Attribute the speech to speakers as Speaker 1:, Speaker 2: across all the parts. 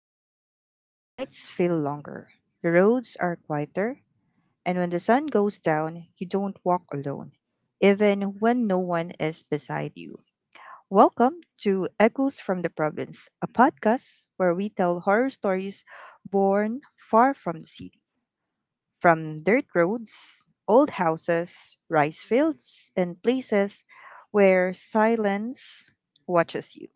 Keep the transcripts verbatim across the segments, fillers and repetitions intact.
Speaker 1: province, nights feel longer, the roads are quieter, and when the sun goes down, you don't walk alone, even when no one is beside you. Welcome to Echoes from the Province, a podcast where we tell horror stories born far from the city, from dirt roads, old houses, rice fields, and places where silence watches you.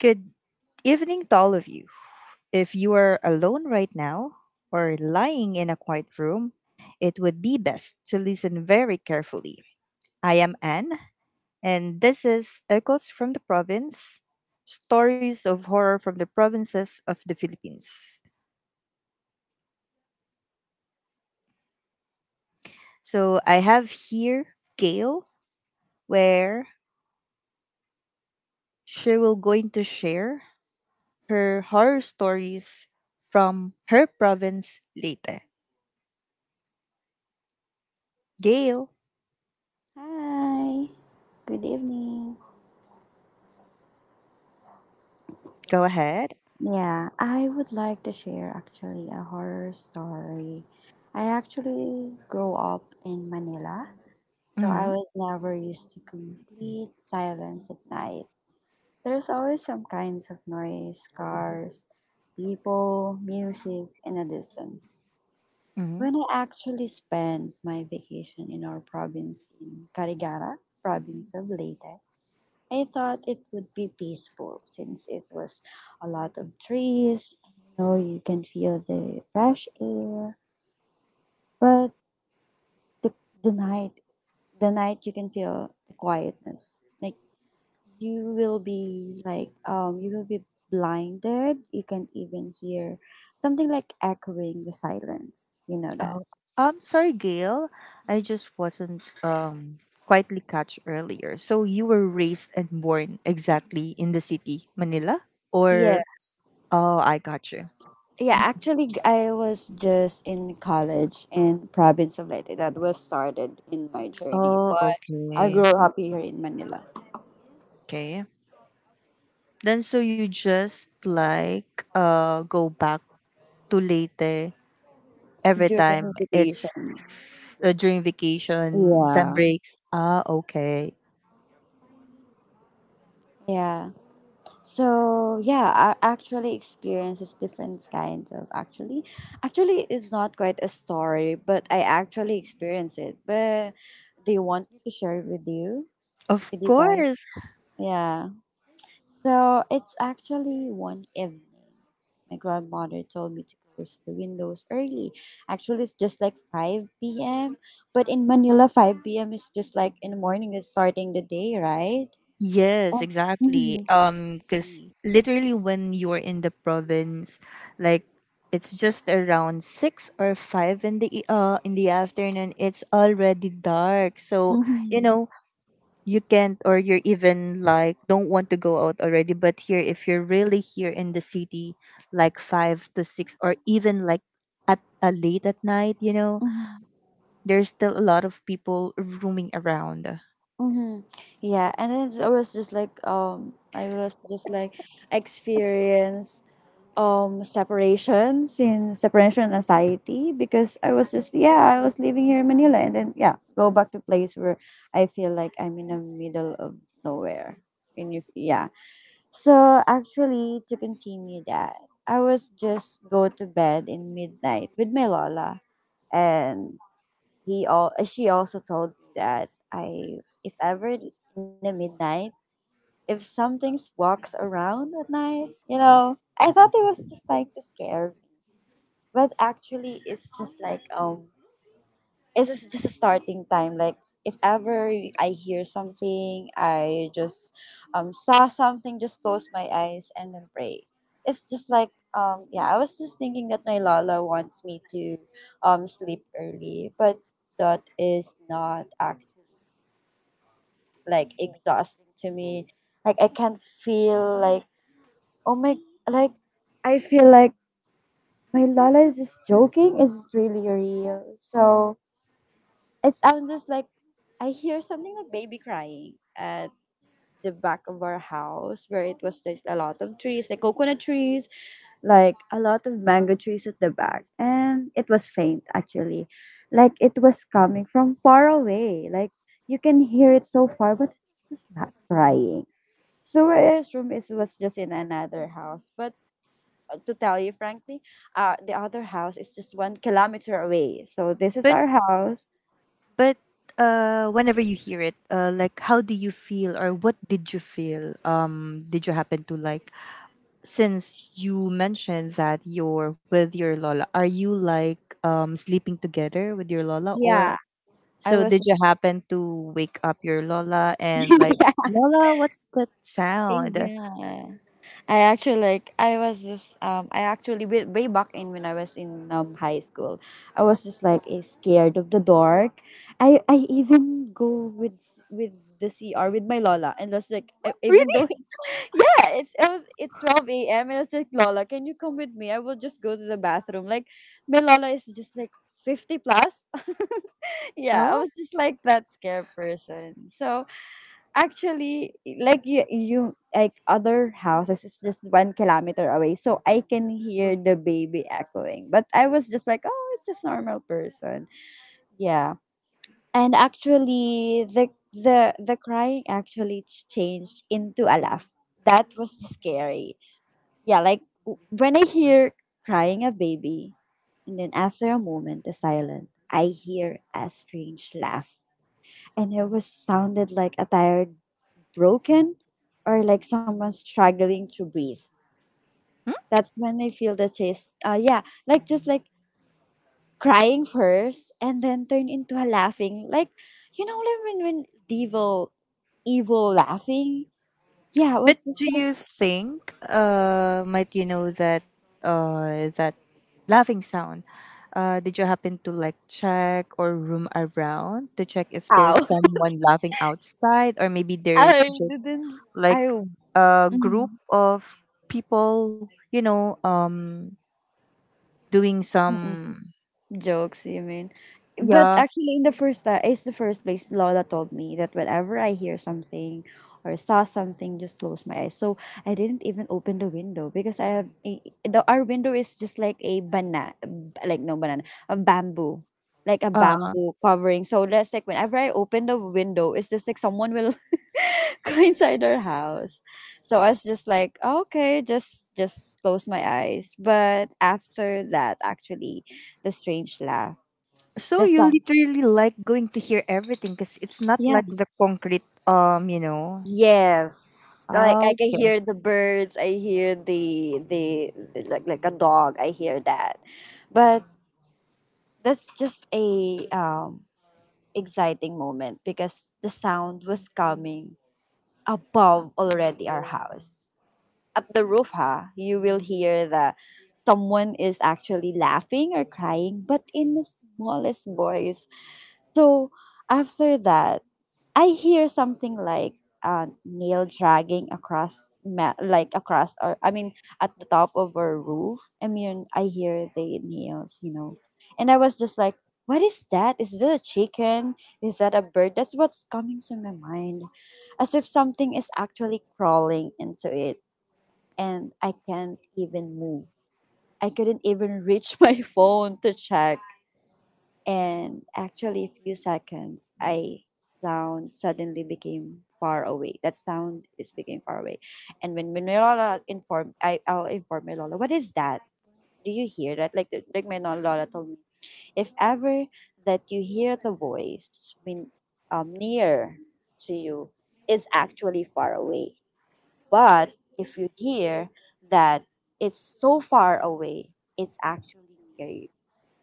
Speaker 1: Good evening to all of you. If you are alone right now or lying in a quiet room, it would be best to listen very carefully. I am Anne, and this is Echoes from the Province, Stories of Horror from the Provinces of the Philippines. So I have here Gail, where she will going to share her horror stories from her province, Leyte. Gail,
Speaker 2: Hi, good evening.
Speaker 1: go ahead.
Speaker 2: Yeah, I would like to share actually a horror story. I actually grew up in Manila, so I
Speaker 1: Mhm,
Speaker 2: was never used to complete silence at night. There's always some kinds of noise, cars, people, music, and a distance.
Speaker 1: mhm.
Speaker 2: When I actually spent my vacation in our province in Carigara, province of Leyte, I thought it would be peaceful since it was a lot of trees. You know, you can feel the fresh air, but the, the night, the night you can feel the quietness. Like you will be like um, you will be blinded. You can even hear something like echoing the silence. You know that?
Speaker 1: Oh, I'm sorry, Gail. I just wasn't um quietly catch earlier. So you were raised and born exactly in the city, Manila, or
Speaker 2: Yes.
Speaker 1: oh, I got you.
Speaker 2: Yeah, actually, g- I was just in college in province of Leyte. That was started in my journey,
Speaker 1: Oh,
Speaker 2: but I
Speaker 1: okay,
Speaker 2: grew up here in Manila
Speaker 1: okay. Then so you just like uh go back to Leyte every time
Speaker 2: during
Speaker 1: it's
Speaker 2: vacation.
Speaker 1: uh, during vacation, sem
Speaker 2: Yeah.
Speaker 1: breaks. Ah, okay.
Speaker 2: Yeah. So yeah, I actually experiences different kinds of actually. Actually, it's not quite a story, but I actually experienced it. But do you want me to share it with you?
Speaker 1: Of
Speaker 2: With you guys?
Speaker 1: course.
Speaker 2: Yeah. So it's actually one event. My grandmother told me to close the windows early. Actually, it's just like five p m. But in Manila, five p m is just like in the morning, it's starting the day, right?
Speaker 1: Yes,
Speaker 2: Oh,
Speaker 1: exactly.
Speaker 2: mhm,
Speaker 1: Um, because
Speaker 3: Please.
Speaker 1: literally when you're in the province, like it's just around six or five in the e- uh in the afternoon. It's already dark, so you
Speaker 2: mhm,
Speaker 1: know you can't, or you're even like don't want to go out already. But here, if you're really here in the city, like five to six, or even like at uh, late at night, you know,
Speaker 2: mhm,
Speaker 1: there's still a lot of people roaming around.
Speaker 2: mhm. Yeah, and then I was just like, um, I was just like experience um separation since separation anxiety, because I was just, yeah, I was living here in Manila and then, yeah, go back to place where I feel like I'm in the middle of nowhere. And you, yeah, so actually to continue that, I was just go to bed in midnight with my lola. And he all she also told me that I, if ever in the midnight, if something walks around at night, you know, I thought it was just like to scare, but actually, it's just like, um, it's just just a starting time. Like if ever I hear something, I just um saw something, just close my eyes and then pray. It's just like, um yeah, I was just thinking that my Lala wants me to um sleep early, but that is not act like exhausting to me. Like I can feel like, oh my, like, I feel like my Lala is just joking. Is it really real? So it sounds just like I hear something like baby crying at the back of our house where it was just a lot of trees, like coconut trees, like a lot of mango trees at the back. And it was faint actually. Like it was coming from far away. Like you can hear it so far, but it's not crying. So his room is was just in another house. But uh, to tell you frankly, uh the other house is just one kilometer away. So this is our house.
Speaker 1: But uh, whenever you hear it, uh, like how do you feel, or what did you feel? Um, did you happen to like, since you mentioned that you're with your lola? Are you like um sleeping together with your lola
Speaker 2: Yeah.
Speaker 1: or
Speaker 2: I
Speaker 1: so?
Speaker 2: was.
Speaker 1: Did you happen to wake up your lola and like, lola? What's that sound?
Speaker 2: Yeah. yeah. I actually like I was just um I actually way, way back in when I was in um high school, I was just like, eh, scared of the dark. I I even go with s- with the C R with my Lola, and that's like I, even though
Speaker 1: Really?
Speaker 2: it's, yeah it's uh, it's twelve a m and I was like, Lola, can you come with me? I will just go to the bathroom. Like my Lola is just like fifty plus. Yeah, I
Speaker 1: Oh.
Speaker 2: was just like that scared person. So actually, like you, you like other houses is just one kilometer away, so I can hear the baby echoing. But I was just like, oh, it's just normal person. Yeah, and actually, the the the crying actually ch- changed into a laugh. That was scary. Yeah, like w- when I hear crying a baby, and then after a moment, the silence, I hear a strange laugh, and it was sounded like a tired broken or like someone struggling to breathe. That's when I feel the chase. Uh, yeah, like just like crying first and then turn into a laughing. Like, you know, like when, when devil, evil laughing. Yeah, it
Speaker 1: But
Speaker 2: was just
Speaker 1: do
Speaker 2: like,
Speaker 1: you think, uh, might you know that uh, that laughing sound? Uh, did you happen to like check or room around to check if there's
Speaker 2: ow.
Speaker 1: someone laughing outside, or maybe there's
Speaker 2: I
Speaker 1: just
Speaker 2: didn't, I,
Speaker 1: like a
Speaker 2: mm,
Speaker 1: group of people, you know, um, doing
Speaker 2: mm.
Speaker 1: some,
Speaker 2: Jokes, you mean? But
Speaker 1: yeah.
Speaker 2: actually, in the first time, it's the first place Lola told me that whenever I hear something or saw something, just close my eyes. So I didn't even open the window because I have a, the our window is just like a banana, like no banana, a bamboo, like a
Speaker 1: Uh,
Speaker 2: bamboo covering. So that's like whenever I open the window, it's just like someone will go inside our house. So I was just like, okay, just just close my eyes. But after that, actually the strange laugh.
Speaker 1: so
Speaker 2: The
Speaker 1: you
Speaker 2: sound.
Speaker 1: literally like going to hear everything because it's not
Speaker 2: Yeah.
Speaker 1: like the concrete, um, you know.
Speaker 2: Yes. Like like I
Speaker 1: Oh,
Speaker 2: can hear
Speaker 1: yes.
Speaker 2: the birds, I hear the the, the like like a dog, I hear that. But that's just a um exciting moment because the sound was coming above already our house. At the roof, ha, you will hear the someone is actually laughing or crying, but in the smallest voice. So after that, I hear something like uh, nail dragging across, ma- like across, or I mean, at the top of our roof. I mean, I hear the nails, you know, and I was just like, "What is that? Is that a chicken? Is that a bird?" That's what's coming to my mind, as if something is actually crawling into it, and I can't even move. I couldn't even reach my phone to check. And actually, a few seconds, I sound suddenly became far away. That sound is became far away. And when, when my Lola informed, I, I'll inform my Lola, what is that? Do you hear that? Like, the- like my no, Lola told me, if ever that you hear the voice when, um, near to you, is actually far away. But if you hear that it's so far away, it's actually near you,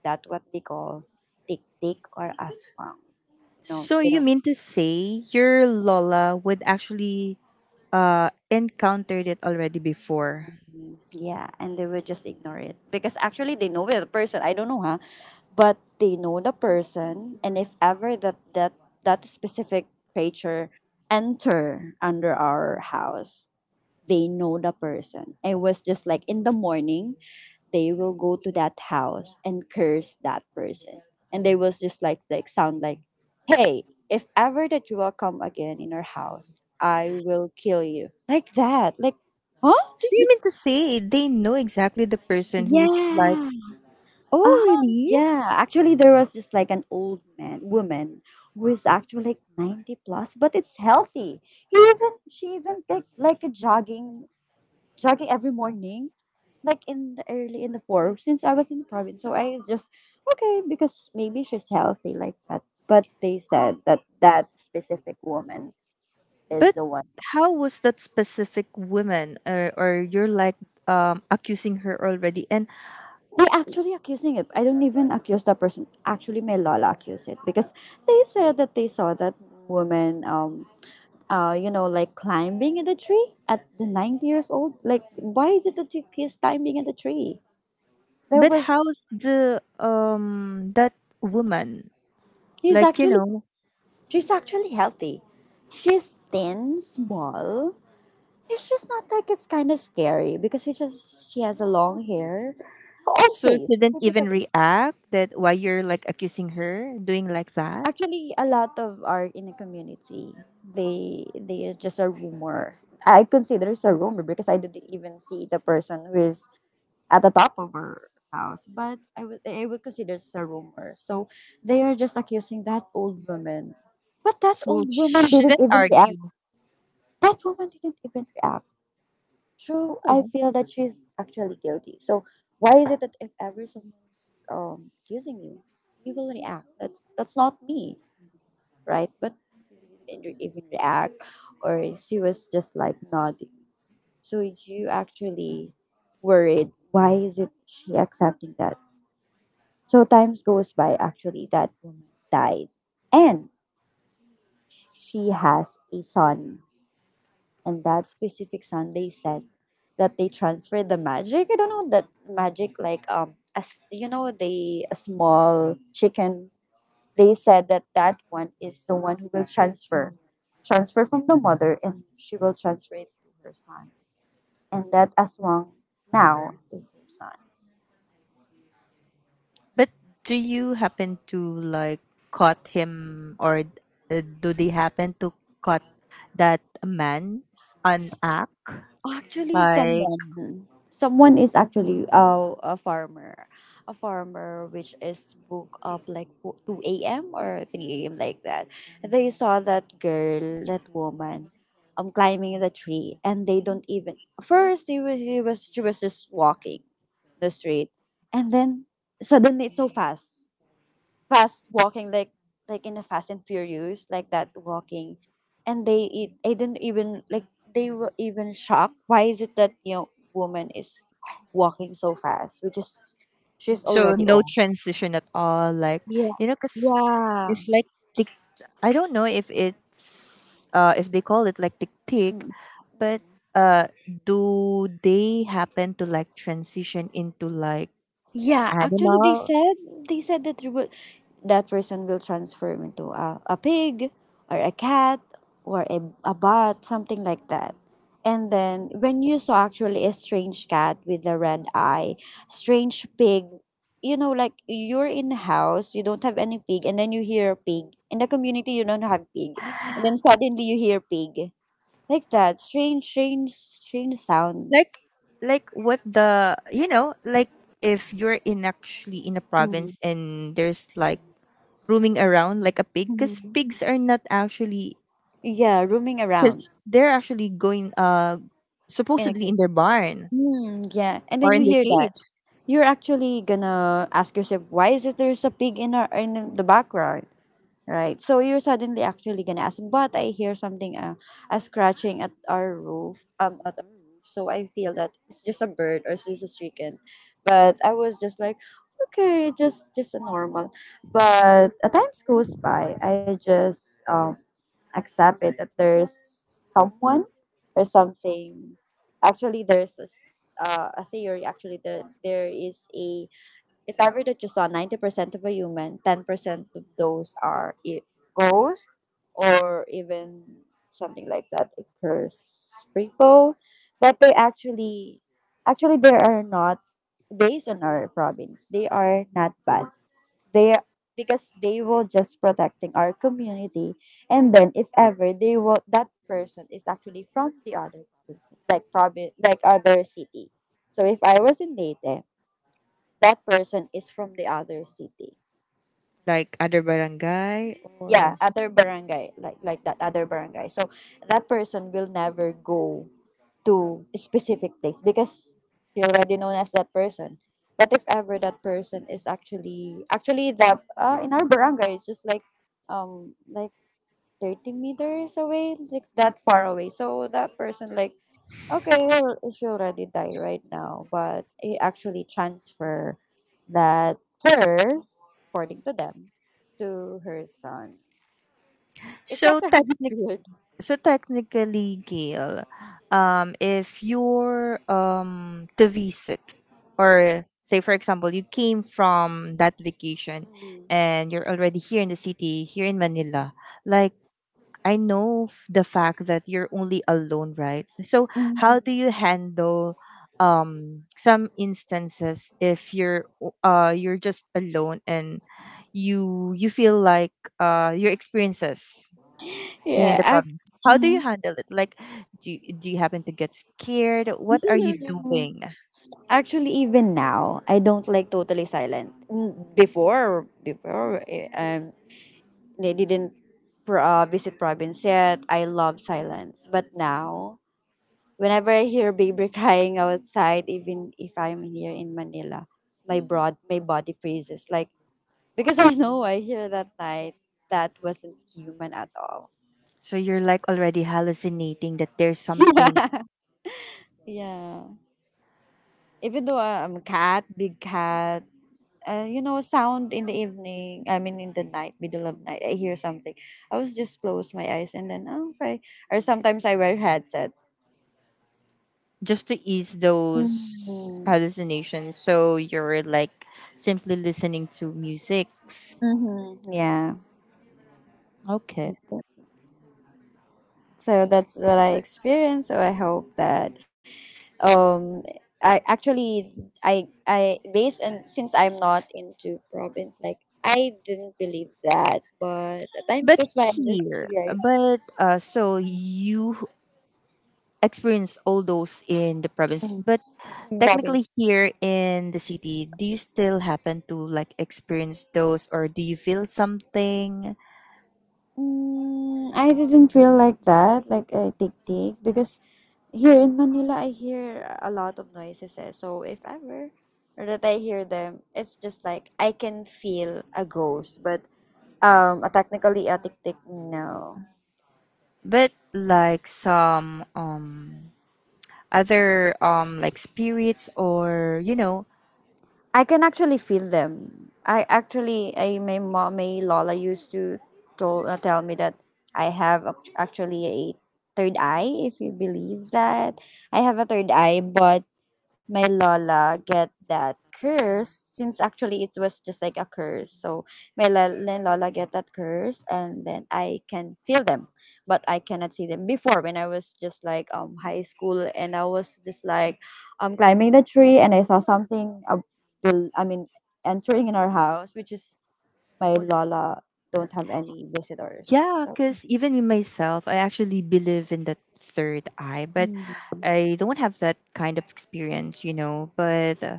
Speaker 2: that what they call tick tick or aswang. You know,
Speaker 1: So
Speaker 2: you
Speaker 1: you
Speaker 2: know.
Speaker 1: mean to say your Lola would actually uh encountered it already before?
Speaker 2: Mhm. Yeah, and they will just ignore it because actually they know the person. I don't know, huh? But they know the person, and if ever that that that specific creature enter under our house, they know the person. It was just like in the morning, they will go to that house and curse that person. And they was just like like sound like, hey, if ever that you will come again in our house, I will kill you. Like that. Like, huh?
Speaker 1: So
Speaker 2: Did
Speaker 1: you
Speaker 2: you
Speaker 1: mean to say they know exactly the person who's like,
Speaker 2: yeah.
Speaker 1: oh
Speaker 2: Uh-huh.
Speaker 1: really?
Speaker 2: Yeah. Actually there was just like an old man woman who is actually like ninety plus, but it's healthy. He even she even like like a jogging jogging every morning, like in the early in the four, since I was in the province. So I just okay because maybe she's healthy like that. But they said that that specific woman is
Speaker 1: But
Speaker 2: the one.
Speaker 1: how was that specific woman, or or you're like um accusing her already, and
Speaker 2: They actually accusing it. I don't even accuse that person. Actually, my lola accused it because they said that they saw that woman. Um, uh, you know, like climbing in the tree at the ninety years old. Like, why is it that he- he's climbing in the tree? There
Speaker 1: but
Speaker 2: was,
Speaker 1: how's the um that woman,
Speaker 2: he's
Speaker 1: like, you
Speaker 2: actually.
Speaker 1: know,
Speaker 2: She's actually healthy. She's thin, small. It's just not like it's kind of scary because she just she has a long hair, old
Speaker 1: so she
Speaker 2: face
Speaker 1: didn't even
Speaker 2: typically.
Speaker 1: react that why you're like accusing her doing like that,
Speaker 2: Actually, a lot of art in the community, they they are just a rumor. I consider it's a rumor because I didn't even see the person who is at the top of her house, but I would I would consider it's a rumor. So they are just accusing that old woman, but that
Speaker 1: so
Speaker 2: old woman
Speaker 1: she
Speaker 2: didn't
Speaker 1: didn't
Speaker 2: even react.
Speaker 1: argue.
Speaker 2: That woman didn't even react. True, I
Speaker 1: Oh,
Speaker 2: feel that she's actually guilty. So why is it that if ever someone's um, accusing you, you will react? That that's not me, right? But you didn't re- even react, or she was just like nodding. So you actually worried. Why is it she accepting that? So times goes by. Actually, that woman died, and she has a son. And that specific Sunday said that they transferred the magic. I don't know that magic like um as you know they a small chicken. They said that that one is the one who will transfer, transfer from the mother, and she will transfer it to her son, and that Aswang now is her son.
Speaker 1: but do you happen to like caught him, or d- uh, do they happen to caught that man on act?
Speaker 2: Actually,
Speaker 1: Like,
Speaker 2: someone someone is actually uh, a farmer, a farmer which is woke up like wo- two a m or three a m like that. They saw that girl, that woman, um, climbing the tree, and they don't even first they was he was she was just walking the street, and then suddenly it's so fast fast walking like like in a fast and furious like that walking, and they it, I didn't even like they were even shocked. Why is it that you know woman is walking so fast, which is she's
Speaker 1: so
Speaker 2: already
Speaker 1: no
Speaker 2: old?
Speaker 1: transition at all, like
Speaker 2: Yeah,
Speaker 1: you know cuz
Speaker 2: yeah.
Speaker 1: if like, tick, I don't know if it's uh if they call it like tick tick, but uh do they happen to like transition into like
Speaker 2: Yeah, actually, they
Speaker 1: animal,
Speaker 2: said they said that you will- that person will transform into a, a pig or a cat or a, a bat, something like that. And then when you saw actually a strange cat with a red eye, strange pig, you know, like you're in the house, you don't have any pig, and then you hear a pig. In the community, you don't have pig. And then suddenly you hear pig. Like that. Strange, strange, strange sound.
Speaker 1: like like what the you know, like if you're in actually in a province and there's like roaming around like a pig, because
Speaker 2: Mm-hmm.
Speaker 1: pigs are not actually,
Speaker 2: Yeah, roaming around
Speaker 1: because they're actually going uh
Speaker 2: in a.
Speaker 1: supposedly in their barn
Speaker 2: Mm, yeah, and
Speaker 1: or
Speaker 2: then you,
Speaker 1: in
Speaker 2: right,
Speaker 1: their
Speaker 2: hear that.
Speaker 1: cage.
Speaker 2: You're actually gonna ask yourself, why is it there's a pig in our in the background? Right. So you're suddenly actually gonna ask, but I hear something, uh, a scratching at our roof, um, at our roof. So I feel that it's just a bird or it's just a chicken. But I was just like, okay, just just a normal. But as time goes by, I just um accept it that there's someone or something. Actually, there's a, s- uh, a theory. Actually, that there is a if ever that you saw ninety percent of a human, ten percent of those are i- ghosts or even something like that. It curse people. But they actually, actually they are not based on our province. They are not bad. They Because they will just protecting our community. And then if ever they will that person is actually from the other province, like province, like other city. So if I was in Leyte, that person is from the other city.
Speaker 1: Like other barangay,
Speaker 2: Yeah,
Speaker 1: or
Speaker 2: other barangay, like like that other barangay. So that person will never go to a specific place because he already known as that person. But if ever that person is actually, actually the uh, in our barangay, it's just like um like 30 meters away, like that far away. So that person like, okay, well, she already died right now, but he actually transfer that curse, according to them, to her son. It's not
Speaker 1: so
Speaker 2: really
Speaker 1: technically,
Speaker 2: weird.
Speaker 1: so technically Gail, um if you're um to visit, or say for example you came from that vacation and you're already here in the city, here in Manila, like, I know f- the fact that you're only alone, right? So how do
Speaker 2: Mhm.
Speaker 1: you handle um some instances, if you're o- uh you're just alone, and you you feel like uh your experiences in
Speaker 2: Yeah,
Speaker 1: the
Speaker 2: act-
Speaker 1: province. How do you
Speaker 2: mhm.
Speaker 1: handle it? Like, do you, do you happen to get scared? What are you doing?
Speaker 2: Actually, even now, I don't like totally silent. Mm, Before, before, eh, um, they didn't pro- uh, visit province yet. I love silence. But now, whenever I hear baby crying outside, even if I'm here in Manila, my broad my body freezes. Like because I know I hear that night that wasn't human at all.
Speaker 1: So you're like already hallucinating that there's something,
Speaker 2: Yeah. Even though uh, I'm a cat, big cat, uh, you know, sound in the evening, I mean, in the night, middle of night, I hear something. I was just close my eyes and then, oh, okay. Or sometimes I wear headset.
Speaker 1: just to ease those
Speaker 2: Mm-hmm.
Speaker 1: hallucinations. So you're like simply listening to musics.
Speaker 2: Mm-hmm. Yeah.
Speaker 1: Okay.
Speaker 2: So that's what I experienced. So I hope that, um I actually, i i based. And since I'm not into province, like, I didn't believe that, but the time
Speaker 1: But
Speaker 2: goes by I just
Speaker 1: here,
Speaker 2: figured.
Speaker 1: but uh, so you experience all those in the province,
Speaker 2: mm,
Speaker 1: but technically
Speaker 2: Province.
Speaker 1: here in the city, do you still happen to like experience those, or do you feel something?
Speaker 2: mm, I didn't feel like that, like a tick tick, because here in Manila I hear a lot of noises eh. So if ever that I hear them, it's just like I can feel a ghost. But um a technically a tick tick, no.
Speaker 1: But like some um other um like spirits, or you know,
Speaker 2: I can actually feel them. I actually, I, my mom, my Lola used to told, uh, tell me that I have ac- actually a third eye, if you believe that. I have a third eye, but my Lola get that curse since actually it was just like a curse. So my la- my Lola get that curse, and then I can feel them. But I cannot see them before. When I was just like um high school, and I was just like um climbing the tree, and I saw something, uh, bel- I mean entering in our house, which is my Lola don't have any visitors.
Speaker 1: yeah,
Speaker 2: So.
Speaker 1: because even me myself, I actually believe in the third eye, but
Speaker 2: Mm.
Speaker 1: I don't have that kind of experience, you know. But uh,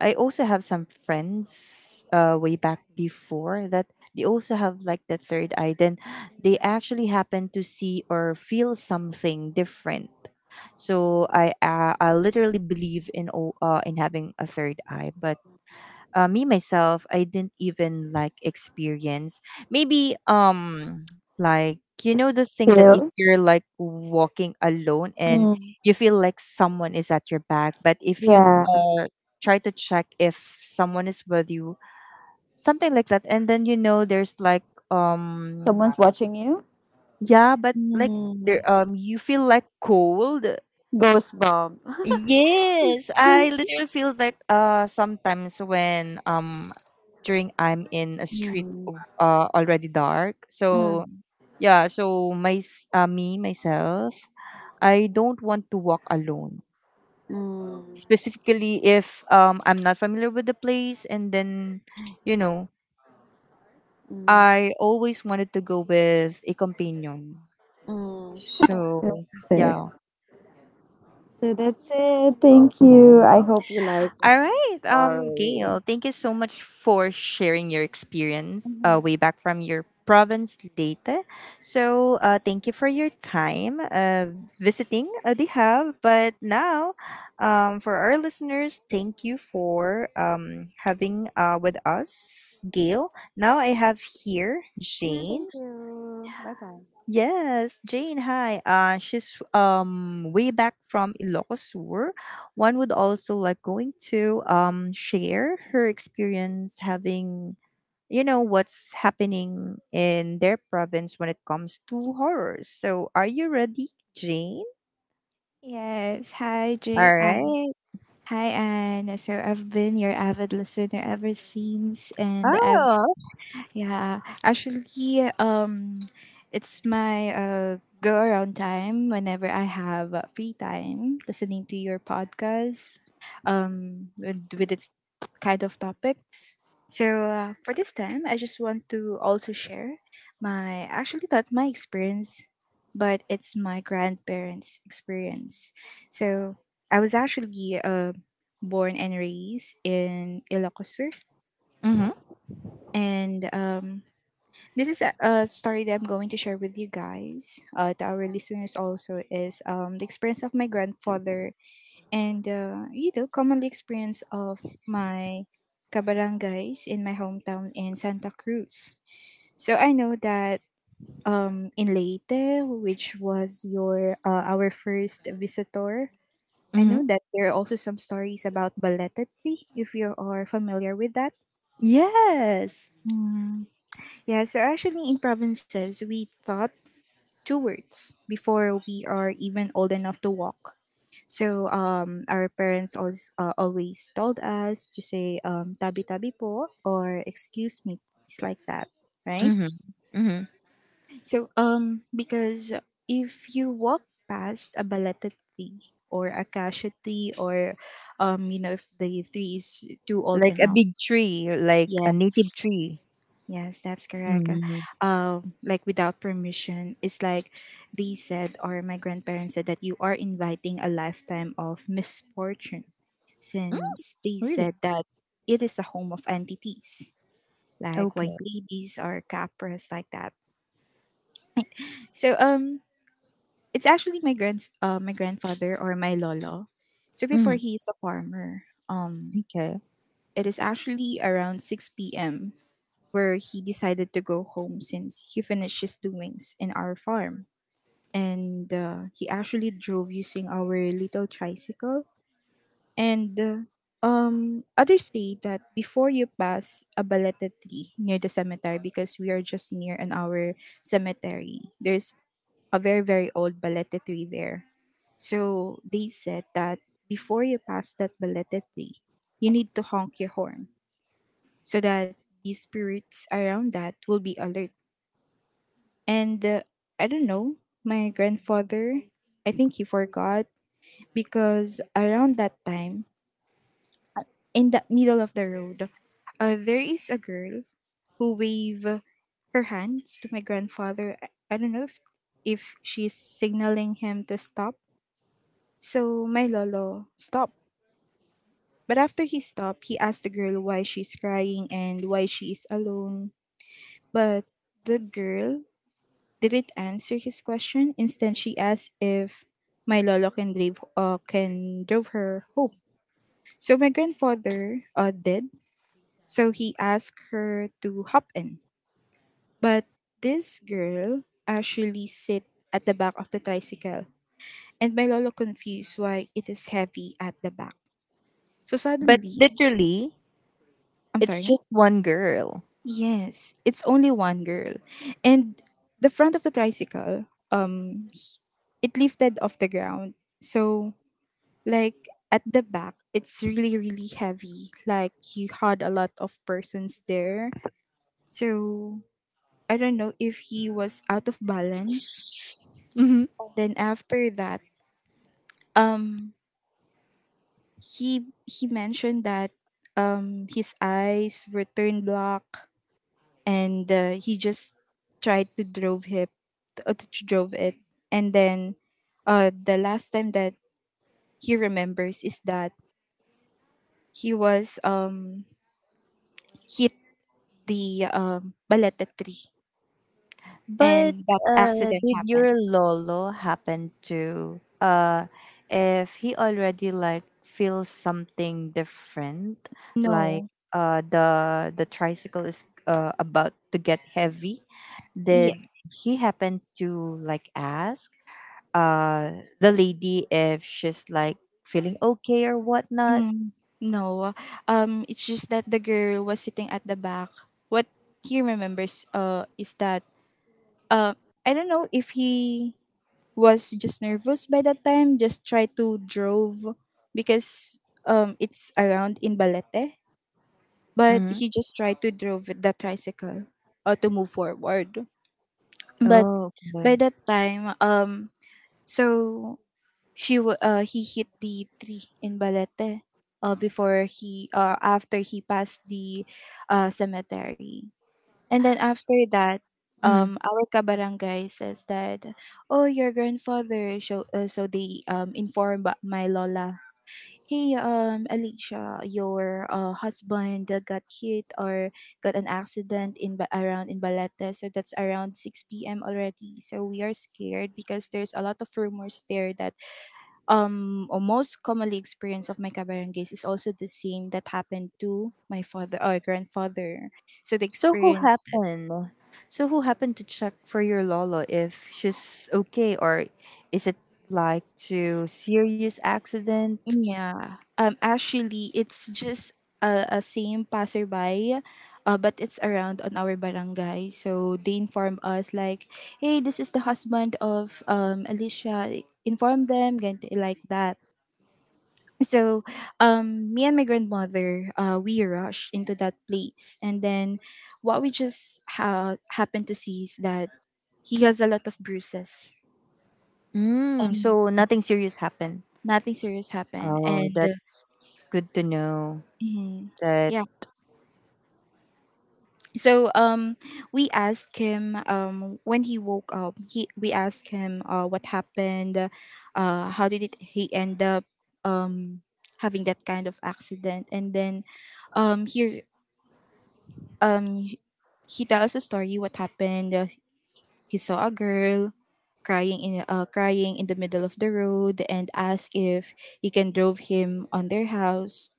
Speaker 1: I also have some friends uh, way back before that they also have like the third eye. Then they actually happen to see or feel something different. So I uh, I literally believe in o- uh, in having a third eye, but uh, me myself, I didn't even like experience, maybe um like you know the thing that if
Speaker 2: Feel.
Speaker 1: you're like walking alone and
Speaker 2: Mm,
Speaker 1: you feel like someone is at your back, but if you
Speaker 2: yeah.
Speaker 1: uh, try to check if someone is with you, something like that, and then you know there's like um
Speaker 2: Someone's watching you.
Speaker 1: yeah, but like
Speaker 2: Mm.
Speaker 1: there um you feel like cold.
Speaker 2: Ghost bomb.
Speaker 1: Yes, I literally feel like uh sometimes when um during I'm in a street
Speaker 2: Mm.
Speaker 1: o- uh already dark. So
Speaker 2: Mm.
Speaker 1: yeah, so my s- uh, me myself, I don't want to walk alone.
Speaker 2: Mm.
Speaker 1: Specifically if um I'm not familiar with the place, and then you know,
Speaker 2: Mm.
Speaker 1: I always wanted to go with a companion.
Speaker 2: Mm.
Speaker 1: So
Speaker 2: That's it.
Speaker 1: yeah.
Speaker 2: So that's it. Thank you. I hope you like it.
Speaker 1: All right, um,
Speaker 2: Sorry.
Speaker 1: Gail, thank you so much for sharing your experience uh, way
Speaker 2: Mhm.
Speaker 1: back from your province, Leyte. So, uh, thank you for your time uh, visiting uh, the hub. But now, um, for our listeners, thank you for um, having uh, with us, Gail. Now I have here
Speaker 2: Yeah,
Speaker 1: Jane.
Speaker 2: thank you. Bye bye.
Speaker 1: Yes, Jane, hi. Uh, she's um way back from Ilocos Sur. One would also like going to um share her experience, having, you know, what's happening in their province when it comes to horrors. So, are you ready, Jane?
Speaker 3: Yes, hi J.
Speaker 1: All
Speaker 3: Uh,
Speaker 1: right.
Speaker 3: hi Anne. So I've been your avid listener ever since, and I've
Speaker 1: Oh.
Speaker 3: yeah, actually, um, it's my uh go around time whenever I have uh, free time listening to your podcast um with, with its kind of topics. So uh, for this time I just want to also share my, actually not my experience, but it's my grandparents' experience. So I was actually uh, born and raised in Ilocos Sur.
Speaker 1: Mm-hmm.
Speaker 3: And um, this is a, a story that I'm going to share with you guys, uh, to our listeners also, is um, the experience of my grandfather. And uh, you know, commonly experience of my kabarangays in my hometown in Santa Cruz. So I know that um, in Leyte, which was your uh, our first visitor, I
Speaker 1: Mm-hmm.
Speaker 3: know that there are also some stories about Baletetli, if you are familiar with that.
Speaker 1: Yes.
Speaker 3: Mm. Yeah, so actually in provinces, we thought towards before we are even old enough to walk. So um, our parents always, uh, always told us to say um, tabi tabi po, or excuse me, it's like that, right?
Speaker 1: Mm-hmm. Mm-hmm.
Speaker 3: So um, because if you walk past a belated tree or a cashew tree or, um, you know, if the tree is too old
Speaker 1: Like a
Speaker 3: enough,
Speaker 1: big tree, like
Speaker 3: yeah,
Speaker 1: a native tree.
Speaker 3: yes, that's correct. Uh,
Speaker 1: Mm-hmm.
Speaker 3: um, like without permission, it's like they said, or my grandparents said, that you are inviting a lifetime of misfortune, since they
Speaker 1: Really?
Speaker 3: said that it is a home of entities, like white
Speaker 1: Okay.
Speaker 3: ladies or capras, like that. So um, it's actually my grand uh, my grandfather, or my lolo. So before,
Speaker 1: Mm-hmm.
Speaker 3: he is a farmer. um,
Speaker 1: Okay.
Speaker 3: it is actually around six p m where he decided to go home since he finished his doings in our farm. And uh, he actually drove using our little tricycle. And uh, um, others say that before you pass a baleta tree near the cemetery, because we are just near an our cemetery, there's a very, very old baleta tree there. So they said that before you pass that baleta tree, you need to honk your horn so that the spirits around that will be alert. And uh, I don't know, my grandfather, I think he forgot, because around that time, in the middle of the road, uh, there is a girl who wave her hands to my grandfather. I I don't know if, if she's signaling him to stop. So my lolo stopped. But after he stopped, he asked the girl why she's crying and why she is alone. But the girl didn't answer his question. Instead, she asked if my lolo can drive, uh, can drive her home. So my grandfather uh, did. So he asked her to hop in, but this girl actually sit at the back of the tricycle, and my lolo confused why it is heavy at the back. So
Speaker 1: But
Speaker 3: suddenly,
Speaker 1: literally,
Speaker 3: I'm
Speaker 1: it's
Speaker 3: sorry.
Speaker 1: just one girl.
Speaker 3: Yes, it's only one girl, and the front of the tricycle, um it lifted off the ground. So, like, at the back it's really, really heavy, like you had a lot of persons there, so I don't know if he was out of balance.
Speaker 1: Hmm.
Speaker 3: Then after that, um he he mentioned that um his eyes were turned black. And uh, he just tried to drove him, uh, to drove it. And then uh the last time that he remembers is that he was um hit the um, Balete tree,
Speaker 1: But
Speaker 3: and that
Speaker 1: uh,
Speaker 3: accident
Speaker 1: did
Speaker 3: happened.
Speaker 1: your lolo happen to uh, if he already like feels something different, like
Speaker 3: No.
Speaker 1: uh, the the tricycle is uh, about to get heavy?
Speaker 3: Yeah.
Speaker 1: Did he happen to like ask uh, the lady if she's like feeling okay, or whatnot?
Speaker 3: Mm, no. Um, it's just that the girl was sitting at the back. What he remembers uh is that, uh I don't know if he was just nervous by that time, just try to drove, because um it's around in Balete. But
Speaker 1: Hmm.
Speaker 3: he just tried to drove with the tricycle, or to move forward. But
Speaker 1: Oh, okay.
Speaker 3: by that time, um so She wa- uh, he hit the tree in Balete, uh, before he, uh, after he passed the, uh, cemetery. And then after that, um, our kabarangay says that, oh, your grandfather. So, uh, so they um, inform, ba- my lola, hey, um, Alicia, your uh, husband uh, got hit, or got an accident in, Ba- around in Balete. So that's around six p m already. So we are scared because there's a lot of rumors there that, um or most commonly experience of my kabarangays is also the same that happened to my father or grandfather. So the
Speaker 1: So who
Speaker 3: experience,
Speaker 1: happened? So who happened to check for your Lolo, if she's okay, or is it like to serious accident?
Speaker 3: yeah, um actually it's just a, a same passerby, uh, but it's around on our barangay, so they inform us like, hey, this is the husband of um Alicia, inform them, ganti- like that. So um me and my grandmother, uh we rushed into that place, and then what we just ha- happened to see is that he has a lot of bruises,
Speaker 1: Mm,
Speaker 3: and
Speaker 1: so nothing serious happened.
Speaker 3: nothing serious happened.
Speaker 1: Oh,
Speaker 3: And uh,
Speaker 1: that's good to know
Speaker 3: mhm,
Speaker 1: that.
Speaker 3: yeah. So um we asked him, um when he woke up, he we asked him uh what happened, uh how did it, he end up um having that kind of accident. And then um he um he he tells a story what happened. uh, he saw a girl crying in, uh, crying in the middle of the road, and asked if he can drove him on their house.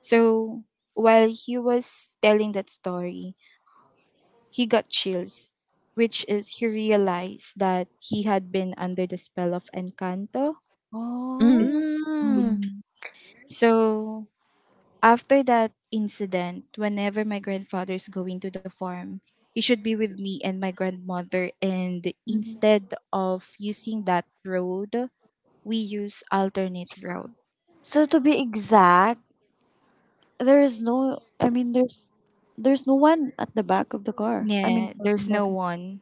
Speaker 3: So while he was telling that story, he got chills, which is he realized that he had been under the spell of encanto
Speaker 2: Oh.
Speaker 3: is.
Speaker 1: Mm,
Speaker 3: Mm. So after that incident, whenever my grandfather is going to the farm, he should be with me and my grandmother. And
Speaker 2: Mhm.
Speaker 3: instead of using that road, we use alternate route.
Speaker 2: So to be exact, there is no. I mean, there's there's no one at the back of the car. I mean,
Speaker 3: Yeah, there's
Speaker 2: what?
Speaker 3: no one.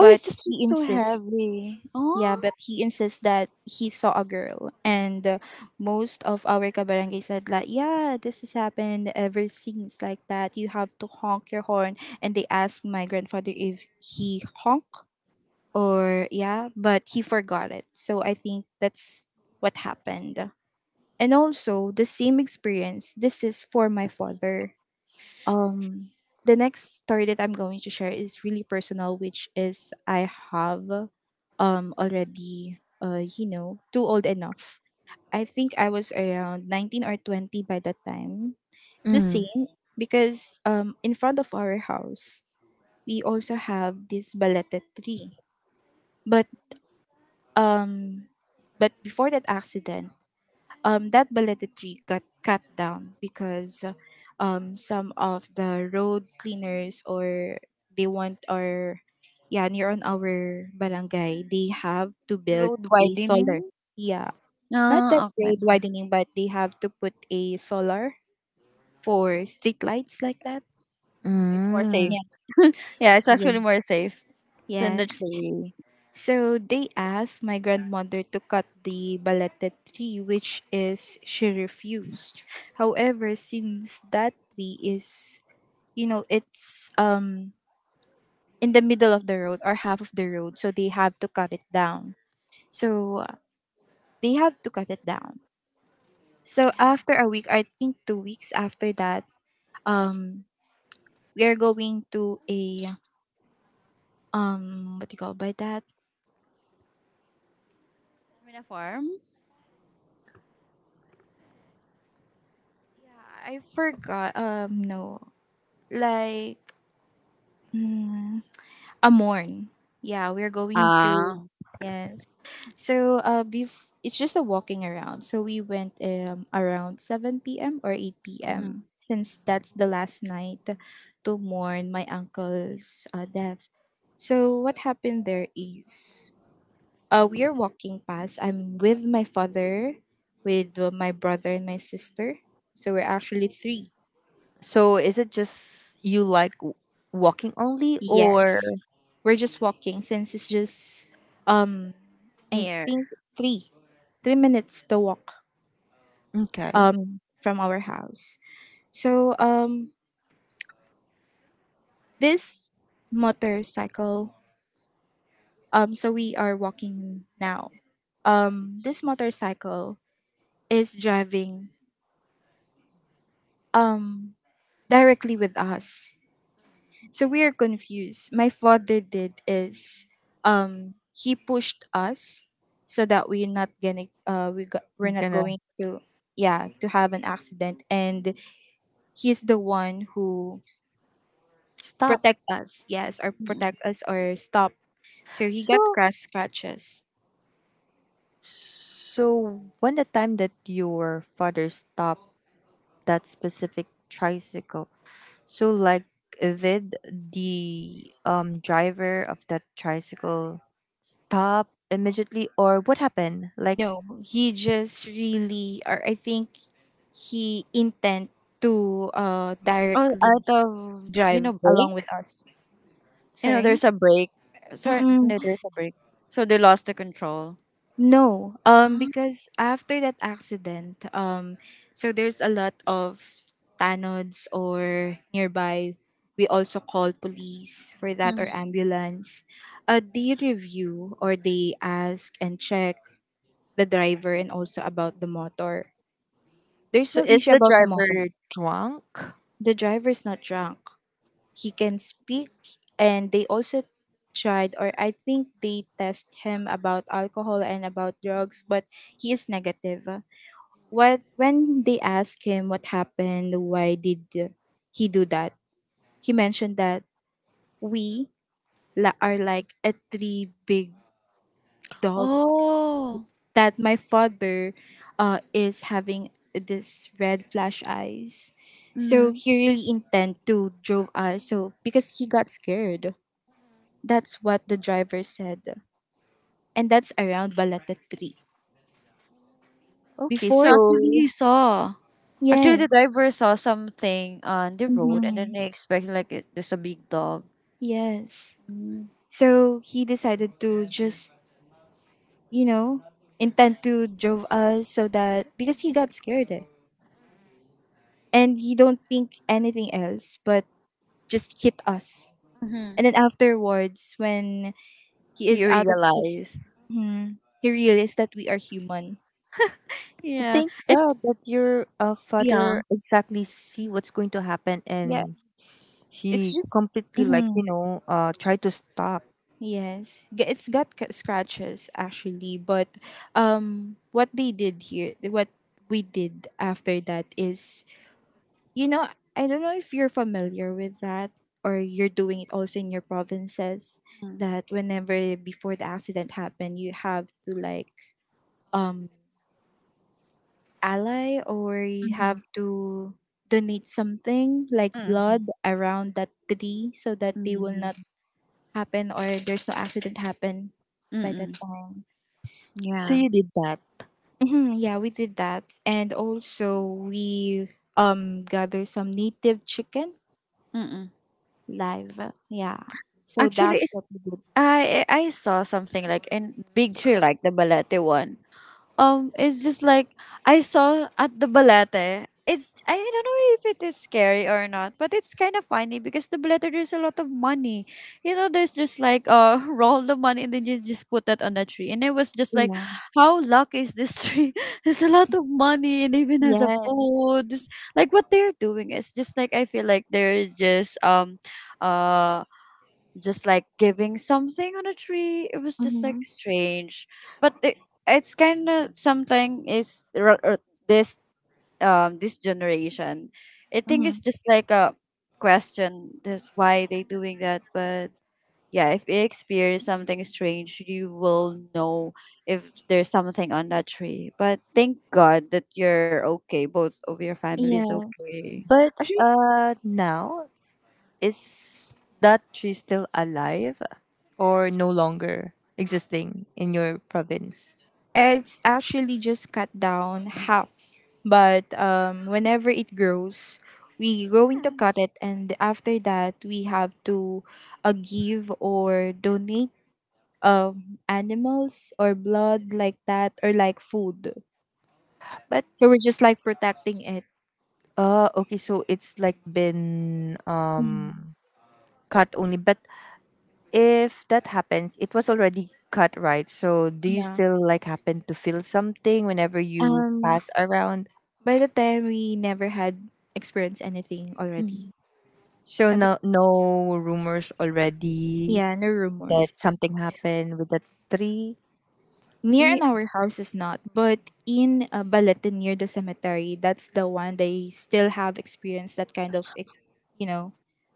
Speaker 2: Oh, it's just like
Speaker 3: he
Speaker 2: so
Speaker 3: insists.
Speaker 2: heavy.
Speaker 3: Yeah, but
Speaker 2: Oh,
Speaker 3: he insists that he saw a girl. And uh, most of our kabarangay said like, yeah, this has happened ever since, like that. You have to honk your horn. And they asked my grandfather if he honk, or yeah, but he forgot it. So I think that's what happened. And also the same experience. This is for my father. Um the next story that I'm going to share is really personal, which is I have um already, uh you know too old enough. I think I was around nineteen or twenty by that time. The
Speaker 1: mm,
Speaker 3: same, because um in front of our house we also have this balete tree. But Um, but before that accident, um, that balleted tree got cut down because um, some of the road cleaners, or they want, or, yeah, near on our barangay they have to build
Speaker 2: road
Speaker 3: a solar.
Speaker 2: widening.
Speaker 3: Yeah, not that
Speaker 2: Ah, okay.
Speaker 3: road widening, but they have to put a solar for street lights, like that.
Speaker 2: Mm, it's more
Speaker 1: mm.
Speaker 3: Yeah.
Speaker 2: safe. Yeah, it's
Speaker 3: Yeah.
Speaker 2: actually more safe than the
Speaker 3: Yes.
Speaker 2: tree.
Speaker 3: So they asked my grandmother to cut the balete tree, which is she refused. However, since that tree is, you know, it's um in the middle of the road, or half of the road, so they have to cut it down. So uh, they have to cut it down. So after a week, I think two weeks after that, um, we are going to a, um, what do you call by that?
Speaker 2: I mean, a farm?
Speaker 3: Yeah, I forgot. Um, no, like. Mm, a morn. Yeah, we're going to,
Speaker 2: Ah,
Speaker 3: yes. So uh, bef- it's just a walking around. So we went um around seven p m or eight
Speaker 2: mhm.
Speaker 3: p.m. since that's the last night to mourn my uncle's uh, death. So what happened there is, uh we are walking past. I'm with my father, with uh, my brother and my sister, so we're actually three.
Speaker 1: So is it just you like w- walking only, or
Speaker 3: Yes, we're just walking since it's just, um I
Speaker 2: Near.
Speaker 3: think three, three minutes to walk
Speaker 1: okay,
Speaker 3: um from our house. So um this motorcycle, um so we are walking now. Um this motorcycle is driving um directly with us. So we are confused. My father did is um he pushed us, so that we're not gonna uh we got, we're
Speaker 1: I'm
Speaker 3: not
Speaker 1: gonna
Speaker 3: going to, yeah, to have an accident, and he's the one who
Speaker 1: stop.
Speaker 3: protect us, yes, or
Speaker 2: Mm.
Speaker 3: protect us, or stop. So he got
Speaker 1: So,
Speaker 3: crash scratches.
Speaker 1: so when the time that your father stopped that specific tricycle. So like, did the um driver of that tricycle stop immediately, or what happened? Like,
Speaker 3: No, he just really, or I think he intent to uh
Speaker 2: Oh,
Speaker 3: directly
Speaker 2: out of, you know,
Speaker 3: drive along with
Speaker 2: break?
Speaker 3: us.
Speaker 2: You know,
Speaker 3: Sorry.
Speaker 2: there's a break. Sorry,
Speaker 3: Mm-mm.
Speaker 2: no, there's a break. So they lost the control.
Speaker 3: No, um, because after that accident, um, so there's a lot of tanods or nearby. We also call police for that, or
Speaker 2: Ah.
Speaker 3: ambulance. Uh, they review, or they ask and check the driver and also about the motor. There's
Speaker 1: so
Speaker 3: no
Speaker 1: is
Speaker 3: issue
Speaker 1: the
Speaker 3: about the
Speaker 1: driver
Speaker 3: motor.
Speaker 1: drunk?
Speaker 3: The driver's not drunk. He can speak, and they also tried, or I think they test him about alcohol and about drugs, but he is negative. What, when they asked him what happened, why did he do that? He mentioned that we, la- are like a three big dog,
Speaker 2: Oh.
Speaker 3: that my father uh, is having this red flash eyes. So
Speaker 2: Mhm.
Speaker 3: he really intend to drove us. So because he got scared. That's what the driver said. And that's around Balata three.
Speaker 1: Okay,
Speaker 2: So
Speaker 3: Before —
Speaker 2: actually,
Speaker 1: so
Speaker 2: you saw. Actually,
Speaker 3: yes.
Speaker 2: the driver saw something on the road and then
Speaker 3: Hmm.
Speaker 2: they expected, like, it- there's a big dog.
Speaker 3: Yes. So he decided to just, you know, intent to drove us, so that because he got scared, eh. And he don't think anything else but just hit us.
Speaker 2: Mm-hmm.
Speaker 3: And then afterwards, when he is
Speaker 2: You
Speaker 3: out of his,
Speaker 2: realize.
Speaker 3: mhm, he realized that we are human.
Speaker 1: so
Speaker 2: Yeah.
Speaker 1: thank
Speaker 2: It's,
Speaker 1: God that your uh,
Speaker 2: yeah.
Speaker 1: father exactly see what's going to happen,
Speaker 3: Yeah,
Speaker 1: and
Speaker 3: it's
Speaker 1: he
Speaker 3: just.
Speaker 1: completely like, you
Speaker 3: Mhm.
Speaker 1: know, uh tried to stop.
Speaker 3: Yes, G- it's got c- scratches actually, but um, what they did here, what we did after that is You know, I don't know if you're familiar with that or you're doing it also in your provinces that whenever before the accident happened, you have to like um ally or you have
Speaker 2: Mm-hmm.
Speaker 3: to donate something like
Speaker 2: Mm,
Speaker 3: blood around that tree so that they will
Speaker 2: mhm,
Speaker 3: not happen or there's no accident happen by that
Speaker 2: mhm,
Speaker 3: time.
Speaker 1: So
Speaker 2: yeah,
Speaker 1: you did that.
Speaker 3: Mhm, yeah, we did that. And also we um gather some native chicken.
Speaker 2: mm.
Speaker 3: Live, yeah. So
Speaker 2: Actually,
Speaker 3: that's
Speaker 2: it's,
Speaker 3: what we did.
Speaker 2: I I saw something like in Big Tree, like the Balete one. Um it's just like I saw at the Balete. It's I don't know if it is scary or not, but it's kind of funny because the Balete there's a lot of money. You know, there's just like uh roll the money and then you just put that on a tree. And it was just like,
Speaker 3: Yeah.
Speaker 2: how lucky is this tree? There's a lot of money and even has a
Speaker 3: Yes.
Speaker 2: food. Just, like what they're doing is just like I feel like there is just um uh just like giving something on a tree. It was just
Speaker 3: Mm-hmm.
Speaker 2: like strange, but it, it's kind of something is r- r- this um this generation. I think
Speaker 3: Mm-hmm.
Speaker 2: it's just like a question. That's why they doing that, but. Yeah, if you experience something strange, you will know if there's something on that tree. But thank God that you're okay. Both of your family is
Speaker 3: Yes.
Speaker 2: okay.
Speaker 1: But
Speaker 3: Actually,
Speaker 1: uh now, is that tree still alive, or no longer existing in your province?
Speaker 3: it's actually just cut down half. But um, whenever it grows, we going to cut it, and after that, we have to uh, give or donate um animals or blood like that or like food.
Speaker 1: But
Speaker 3: So we're just like protecting it.
Speaker 1: uh okay, so it's like been
Speaker 3: Mhm.
Speaker 1: um cut only. But if that happens, it was already cut, right? So do you
Speaker 3: Yeah.
Speaker 1: still like happen to feel something whenever you
Speaker 3: Um.
Speaker 1: pass around?
Speaker 3: By the time we never had experienced anything
Speaker 2: Mm-hmm.
Speaker 3: already.
Speaker 1: So
Speaker 3: And
Speaker 1: no,
Speaker 3: bec-
Speaker 1: no rumors already
Speaker 3: Yeah, no
Speaker 1: that
Speaker 3: rumors.
Speaker 1: something happened with that tree?
Speaker 3: Near in our house is not, but in uh, Balete near the cemetery, that's the one they still have experienced that kind of, ex- you know,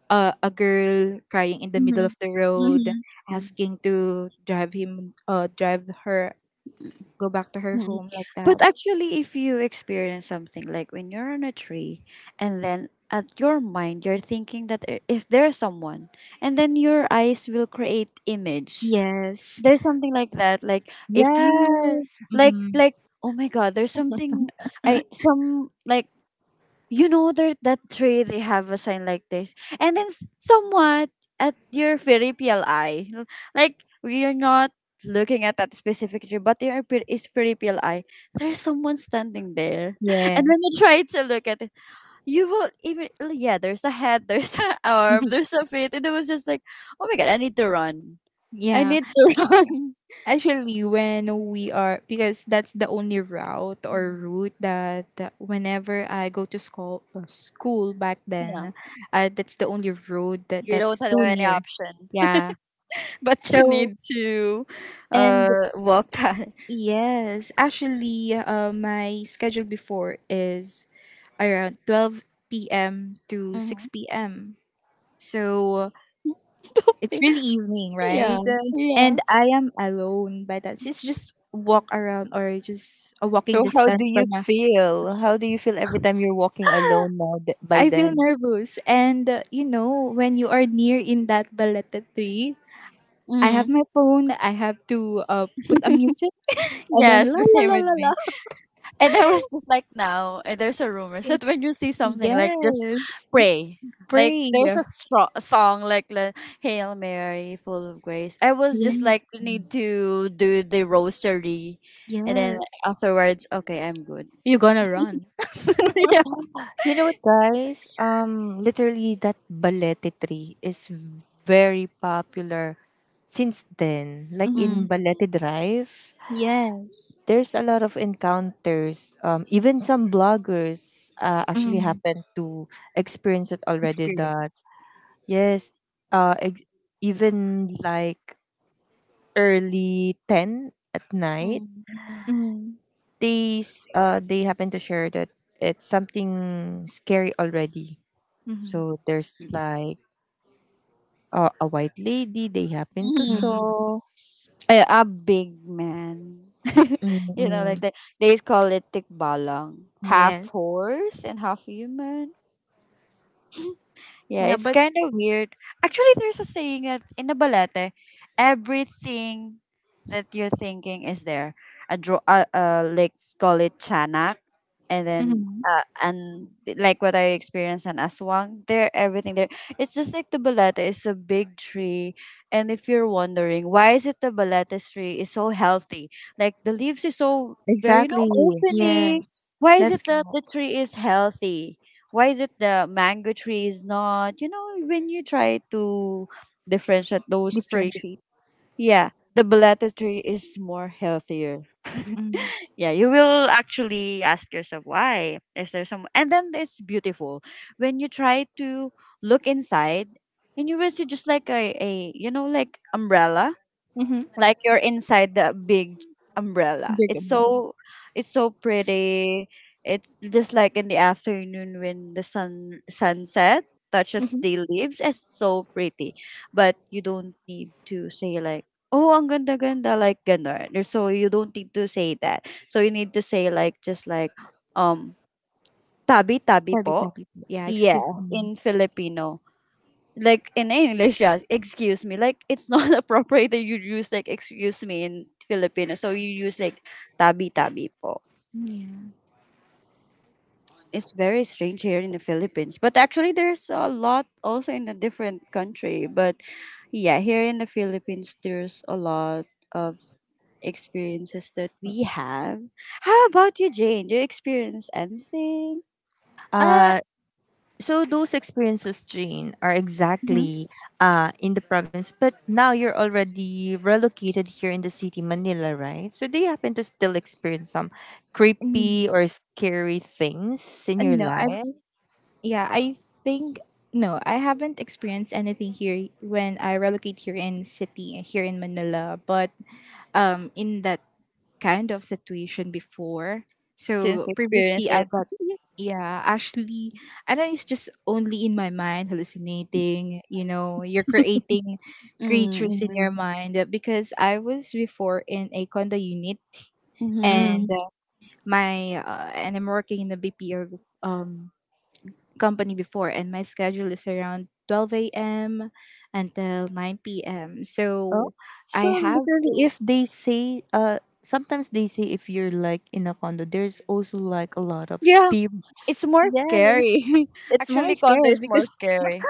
Speaker 3: uh, a girl crying in the middle
Speaker 2: Mm-hmm.
Speaker 3: of the road,
Speaker 2: Mm-hmm.
Speaker 3: asking to drive him, uh, drive her, go back to her
Speaker 2: Mm.
Speaker 3: home like that.
Speaker 2: But actually, if you experience something like when you're on a tree, and then at your mind you're thinking that there- if there's someone, and then your eyes will create image.
Speaker 3: Yes.
Speaker 2: There's something like that. Like if you
Speaker 1: Yes.
Speaker 2: like,
Speaker 3: Hmm.
Speaker 2: like oh my god, there's something. I some like, you know, that that tree they have a sign like this, and then s- somewhat at your very P L I, like we are not looking at that specific tree, but your per- is very P L I, there's someone standing there,
Speaker 3: Yeah.
Speaker 2: and when you try to look at it you will even l- yeah, there's a head, there's a arm, there's a feet, and it was just like, oh my god, I need to run, I
Speaker 3: Yeah.
Speaker 2: need to run.
Speaker 3: Actually, when we are because that's the only route or
Speaker 2: Mhm.
Speaker 3: route that whenever I go to school school back
Speaker 2: Yeah,
Speaker 3: then, uh, that's the only road that
Speaker 2: you don't
Speaker 3: that's
Speaker 2: have
Speaker 3: too
Speaker 2: any
Speaker 3: near.
Speaker 2: option
Speaker 3: Yeah.
Speaker 2: but you
Speaker 3: So
Speaker 2: need to
Speaker 3: and
Speaker 2: uh walk that.
Speaker 3: yes, actually, uh, my schedule before is around twelve p m to six p m. So it's really evening,
Speaker 2: Yeah,
Speaker 3: right? Uh,
Speaker 2: yeah.
Speaker 3: And I am alone by that. It's just walk around or just a walking
Speaker 1: So how do
Speaker 3: distance
Speaker 1: you
Speaker 3: from a.
Speaker 1: feel? How do you feel every time you're walking alone now th- by
Speaker 3: I feel
Speaker 1: then?
Speaker 3: nervous. And uh, you know, when you are near in that baleta tree, I have
Speaker 2: Mm.
Speaker 3: my phone. I have to uh, put a music and then
Speaker 2: Yes,
Speaker 3: la
Speaker 2: the
Speaker 3: la
Speaker 2: same
Speaker 3: la
Speaker 2: with
Speaker 3: la la.
Speaker 2: me. And I was just like now, and there's a rumor that when you see something like, just
Speaker 3: Yes,
Speaker 2: pray. Like
Speaker 3: pray.
Speaker 2: there's
Speaker 3: Yeah,
Speaker 2: a, stro- a song like the Hail Mary, full of grace. I was just like need to do the rosary, and then
Speaker 3: yes.
Speaker 2: afterwards, okay, I'm good.
Speaker 3: You're gonna run.
Speaker 2: Yeah.
Speaker 1: You know what, guys? Um, literally, that balete tree is very popular since then. Like
Speaker 3: Hmm.
Speaker 1: in
Speaker 2: Mm,
Speaker 1: Balete Drive,
Speaker 3: Yes.
Speaker 1: there's a lot of encounters. Um, even some bloggers uh, actually
Speaker 3: Hmm.
Speaker 1: happen to experience it already.
Speaker 3: Experience.
Speaker 1: That, yes, uh, ex- even like early ten at night,
Speaker 2: mm,
Speaker 3: Mm-hmm.
Speaker 1: they s- uh they happen to share that it's something scary already.
Speaker 3: Mm-hmm.
Speaker 1: So there's like uh, a white lady they happen to
Speaker 3: Mm-hmm.
Speaker 2: mm.
Speaker 1: saw.
Speaker 2: I, a big man. you know, like
Speaker 1: Mm-mm.
Speaker 2: they, they call it tikbalang. Half
Speaker 3: Yes.
Speaker 2: horse and half human. Yeah,
Speaker 3: Yeah,
Speaker 2: it's
Speaker 3: but
Speaker 2: kind of weird. Actually, there's a saying that in the balete, everything that you're thinking is there. A draw, uh, uh, let's call it chanak, and then
Speaker 3: mhm.
Speaker 2: uh, and like what I experienced in aswang, there everything there. It's just like the balete is a big tree, and if you're wondering why is it the balete tree is so healthy, like the leaves is so very you know
Speaker 1: Exactly.
Speaker 2: opening.
Speaker 3: Yes,
Speaker 2: Why is it
Speaker 3: that's
Speaker 2: that
Speaker 3: correct.
Speaker 2: the tree is healthy? Why is it the mango tree is not, you know when you try to differentiate those trees,
Speaker 3: Differentiate.
Speaker 2: yeah, the balata tree is more healthier.
Speaker 3: Mhm.
Speaker 2: Yeah, you will actually ask yourself, why is there some, and then it's beautiful. When you try to look inside, and you will see just like a, a, you know like umbrella,
Speaker 3: Mm-hmm.
Speaker 2: like you're inside the big umbrella.
Speaker 3: Good
Speaker 2: It's
Speaker 3: and low.
Speaker 2: so it's so pretty. It just like in the afternoon when the sun sunset touches
Speaker 3: Mhm.
Speaker 2: the leaves. It's so pretty, but you don't need to say like. Oh, ang ganda ganda like ganon. There's- So you don't need to say that. So you need to say like just like um tabi tabi
Speaker 3: Sorry,
Speaker 2: po.
Speaker 3: sorry. Yeah, excuse
Speaker 2: Yes,
Speaker 3: me.
Speaker 2: in Filipino, like in English, yeah, excuse me. Like it's not appropriate that you use like excuse me in Filipino. So you use like tabi tabi po.
Speaker 3: Yeah.
Speaker 2: It's very strange here in the Philippines. But actually there's a lot also in a different country. But yeah, here in the Philippines there's a lot of s- experiences that we have. How about you, Jane? Do you experience anything?
Speaker 3: Uh,
Speaker 1: Uh, so those experiences, Jane, are
Speaker 3: mhm.
Speaker 1: exactly uh, in the province. But now you're already relocated here in the city, Manila, right? So do you happen to still experience some
Speaker 3: Mm,
Speaker 1: creepy or scary things in your
Speaker 3: no, I
Speaker 1: life?
Speaker 3: yeah, I think no, I haven't experienced anything here when I relocate here in city uh, here in Manila, but um in that kind of situation before.
Speaker 2: Since
Speaker 3: So
Speaker 2: you
Speaker 3: previously.
Speaker 2: experience it.
Speaker 3: Yeah, actually, I know it's just only in my mind hallucinating, you know, you're creating creatures in
Speaker 2: Mm-hmm.
Speaker 3: your because I was before in a condo unit and
Speaker 2: Mm-hmm.
Speaker 1: Mm.
Speaker 3: my uh, and I'm working in a B P O um company before and my schedule is around twelve a m until nine p m.
Speaker 1: Oh,
Speaker 3: So
Speaker 1: so
Speaker 3: I have.
Speaker 1: literally, if they say, uh, sometimes they say if you're like in a condo, there's also like a lot of
Speaker 2: Yeah. It's
Speaker 1: spirits.
Speaker 2: more
Speaker 3: Yeah,
Speaker 2: scary.
Speaker 3: it's very
Speaker 2: Actually, condo
Speaker 3: scary
Speaker 2: is more
Speaker 3: because
Speaker 2: scary.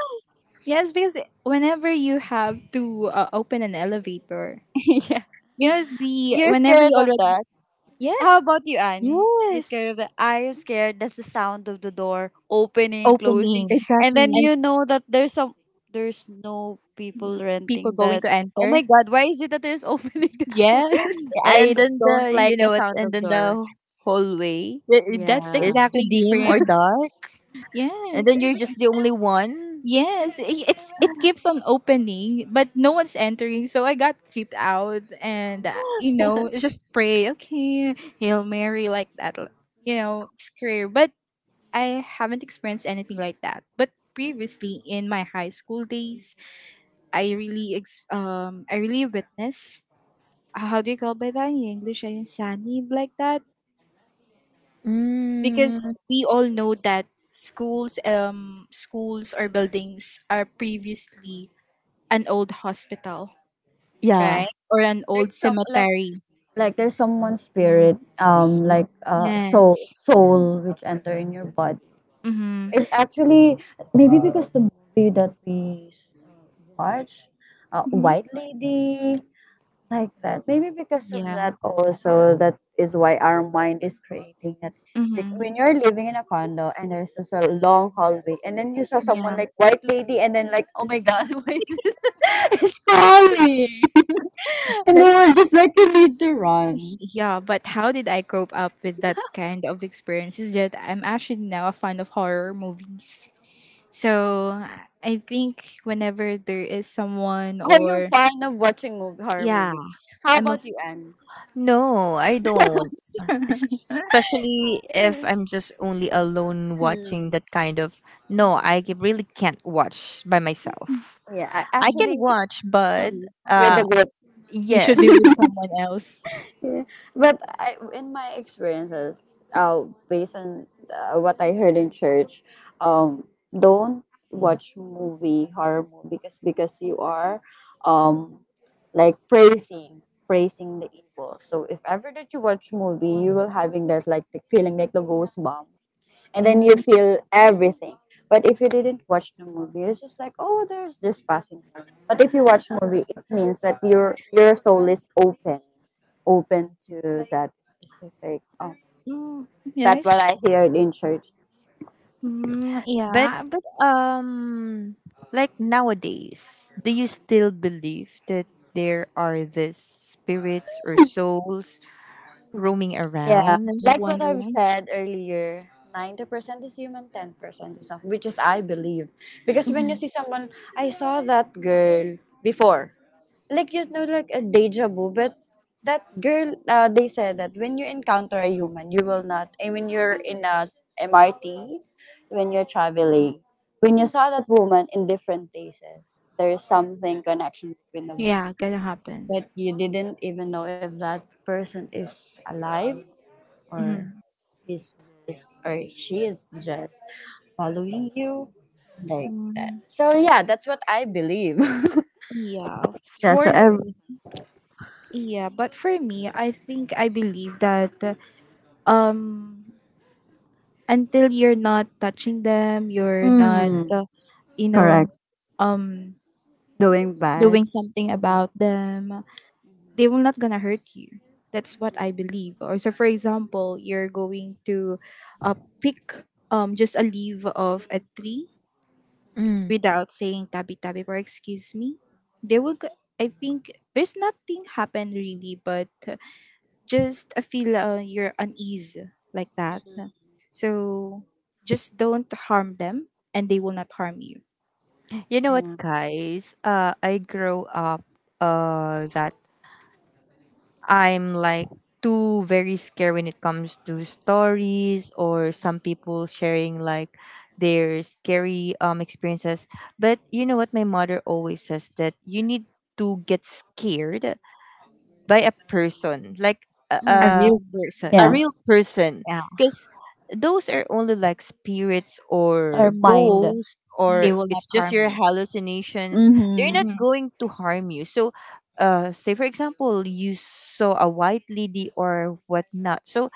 Speaker 3: yes, because whenever you have to uh, open an elevator.
Speaker 2: Yeah.
Speaker 3: You know, the
Speaker 2: You're
Speaker 3: whenever
Speaker 2: scared
Speaker 3: you
Speaker 2: of
Speaker 3: already
Speaker 2: that. How
Speaker 3: yeah
Speaker 2: about you, Annie? You're
Speaker 1: Yes.
Speaker 2: scared of that. I am scared. That's the sound of the door opening, closing,
Speaker 3: opening
Speaker 2: and then
Speaker 1: Exactly.
Speaker 3: and
Speaker 2: you know that there's some there's no
Speaker 3: mm,
Speaker 2: people
Speaker 3: people
Speaker 2: renting
Speaker 3: going
Speaker 2: that.
Speaker 3: to
Speaker 2: Oh my
Speaker 3: enter.
Speaker 2: God! Why is it that there's opening the door?
Speaker 3: Yes,
Speaker 2: I
Speaker 1: And then
Speaker 2: don't
Speaker 1: the,
Speaker 2: like
Speaker 1: you
Speaker 2: the
Speaker 1: know what,
Speaker 2: sound
Speaker 1: and
Speaker 2: of
Speaker 1: then
Speaker 2: door.
Speaker 1: the hallway
Speaker 3: th-
Speaker 2: Yeah.
Speaker 3: that's exactly the
Speaker 2: Maybe
Speaker 1: is too
Speaker 3: exactly
Speaker 1: dim or
Speaker 3: experience.
Speaker 1: dark. And
Speaker 3: Yes,
Speaker 1: then
Speaker 2: because
Speaker 1: you're just the
Speaker 2: I
Speaker 1: only one.
Speaker 3: yes, I-
Speaker 2: I
Speaker 3: it's it
Speaker 2: was
Speaker 3: keeps on opening, but no one's entering. So I got creeped out, and uh, you know, just pray, okay, Hail Mary, like that. L- you know, scare. But I haven't experienced anything like that. But previously in my high school days, I really ex- um I really witnessed how do you call by that in English? I sanib like that because
Speaker 1: Mm,
Speaker 3: we all know that schools, um, schools or buildings are previously an old hospital, right,
Speaker 1: yeah.
Speaker 3: or an
Speaker 2: like
Speaker 3: old
Speaker 2: some like.
Speaker 3: cemetery.
Speaker 2: Like there's someone's spirit um like uh
Speaker 3: Yeah.
Speaker 2: soul soul which enter in your body.
Speaker 3: Mm-hmm.
Speaker 2: It's actually maybe because the movie that we s- watch, uh,
Speaker 3: Mm-hmm.
Speaker 2: white lady, like that. Maybe because of
Speaker 3: Yeah.
Speaker 2: that also, that is why our mind is creating that. It's like
Speaker 3: Mm-hmm.
Speaker 2: when you're living in a condo and there's just a long hallway and then you saw someone
Speaker 3: Yeah.
Speaker 2: like white lady and then like, oh my god, why. It's crawling. And they were just like, you need to run.
Speaker 3: Yeah, but how did I cope up with that kind of experience is that I'm actually now a fan of horror movies. So I think whenever there is someone
Speaker 2: Oh, you're
Speaker 3: or
Speaker 2: fond of watching mov horror
Speaker 3: yeah,
Speaker 2: movies. How
Speaker 3: I'm a.
Speaker 2: about you, Anne?
Speaker 1: No, I don't. Especially if
Speaker 2: Sure.
Speaker 1: I'm just only alone watching
Speaker 2: Mm.
Speaker 1: that kind of, no, I ca- really can't watch by myself.
Speaker 2: Yeah, I
Speaker 1: I can
Speaker 2: actually
Speaker 1: watch, but
Speaker 2: mm, with
Speaker 1: uh
Speaker 2: the group.
Speaker 3: You should be
Speaker 1: yes.
Speaker 3: else.
Speaker 2: Yeah. But I, in my experiences, uh, based on, uh, what I heard in church, um, don't watch movie, horror movie, because because you are, um, like praising praising the evil. So if ever that you watch movie, you will having that like the feeling like the ghost bomb, and then you
Speaker 3: Mhm.
Speaker 2: feel everything. But if you didn't watch the movie, it's just like, oh, there's just passing by." But if you watch movie, it means that your your soul is open, open to that specific. Oh,
Speaker 3: Mm, yeah,
Speaker 2: that
Speaker 3: it's,
Speaker 2: what I heard in church.
Speaker 3: mm,
Speaker 1: But
Speaker 3: yeah, but
Speaker 1: um like nowadays, do you still believe that there are these spirits or souls roaming
Speaker 2: Yeah,
Speaker 1: around?
Speaker 2: like what I've
Speaker 3: wondering.
Speaker 2: said earlier, ninety percent is human, ten percent is not, which is I believe. Because when you
Speaker 3: Mhm.
Speaker 2: see someone, I saw that girl before. Like you know, like a deja vu, but that girl, uh, they said that when you encounter a human you will not, I mean, you're in a mrt when you're traveling, when you saw that woman in different places, there's something connection between them,
Speaker 3: Yeah, gonna happen.
Speaker 2: but you didn't even know if that person is alive, or
Speaker 3: Mhm.
Speaker 2: he's just, or she is just following you, like that.
Speaker 3: Mm,
Speaker 2: So yeah, that's what I believe.
Speaker 3: yeah,
Speaker 2: Yeah, so
Speaker 3: for
Speaker 2: every
Speaker 3: yeah, but for me, I think I believe that uh, um until you're not touching them, you're mm, not
Speaker 2: mm,
Speaker 3: uh, you know,
Speaker 2: correct,
Speaker 3: um
Speaker 2: doing bad.
Speaker 3: doing something about them. They will not gonna hurt you. That's what I believe. Or so for example, you're going to uh, pick um just a leaf of a tree
Speaker 1: Mm.
Speaker 3: without saying tabi tabi or excuse me, they will go- I think there's nothing happened really, but uh, just a feel uh, you're unease like that. So just don't harm them and they will not harm you.
Speaker 1: You know what,
Speaker 2: Yeah.
Speaker 1: guys? Uh, I grow up uh that I'm like too very scared when it comes to stories, or some people sharing like their scary um experiences. But you know what, my mother always says that you need to get scared by a person, like a, a
Speaker 3: A real
Speaker 2: Mm.
Speaker 3: person,
Speaker 1: a
Speaker 2: Yeah,
Speaker 1: real person,
Speaker 3: yeah,
Speaker 1: because those are only like spirits or
Speaker 2: our mind.
Speaker 1: ghosts,
Speaker 3: they
Speaker 1: or
Speaker 3: will not
Speaker 1: it's just
Speaker 3: harm
Speaker 1: your
Speaker 3: you.
Speaker 1: hallucinations. They're
Speaker 2: Mm-hmm.
Speaker 1: not
Speaker 3: Mhm.
Speaker 1: going to harm you. So, uh, say for example, you saw a white lady or whatnot. So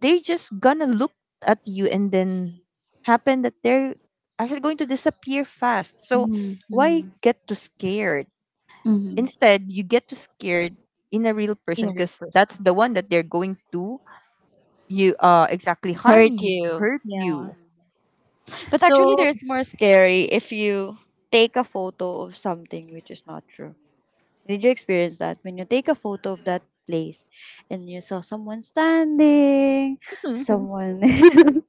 Speaker 1: they are just gonna look at you and then happen that they're actually going to disappear fast. So why
Speaker 2: Mm-hmm.
Speaker 1: get too scared?
Speaker 2: Mm-hmm.
Speaker 1: Instead, you get to scared in a real person
Speaker 3: Yeah, real
Speaker 1: because that's
Speaker 3: person,
Speaker 1: the one that they're going to you uh exactly harm
Speaker 2: Hurt
Speaker 1: you,
Speaker 2: you.
Speaker 1: hurt
Speaker 3: yeah.
Speaker 1: you.
Speaker 2: But actually,
Speaker 1: So
Speaker 2: there's more scary if you take a photo of something which is not true. Did you experience that? When you take a photo of that place and you saw someone standing, someone.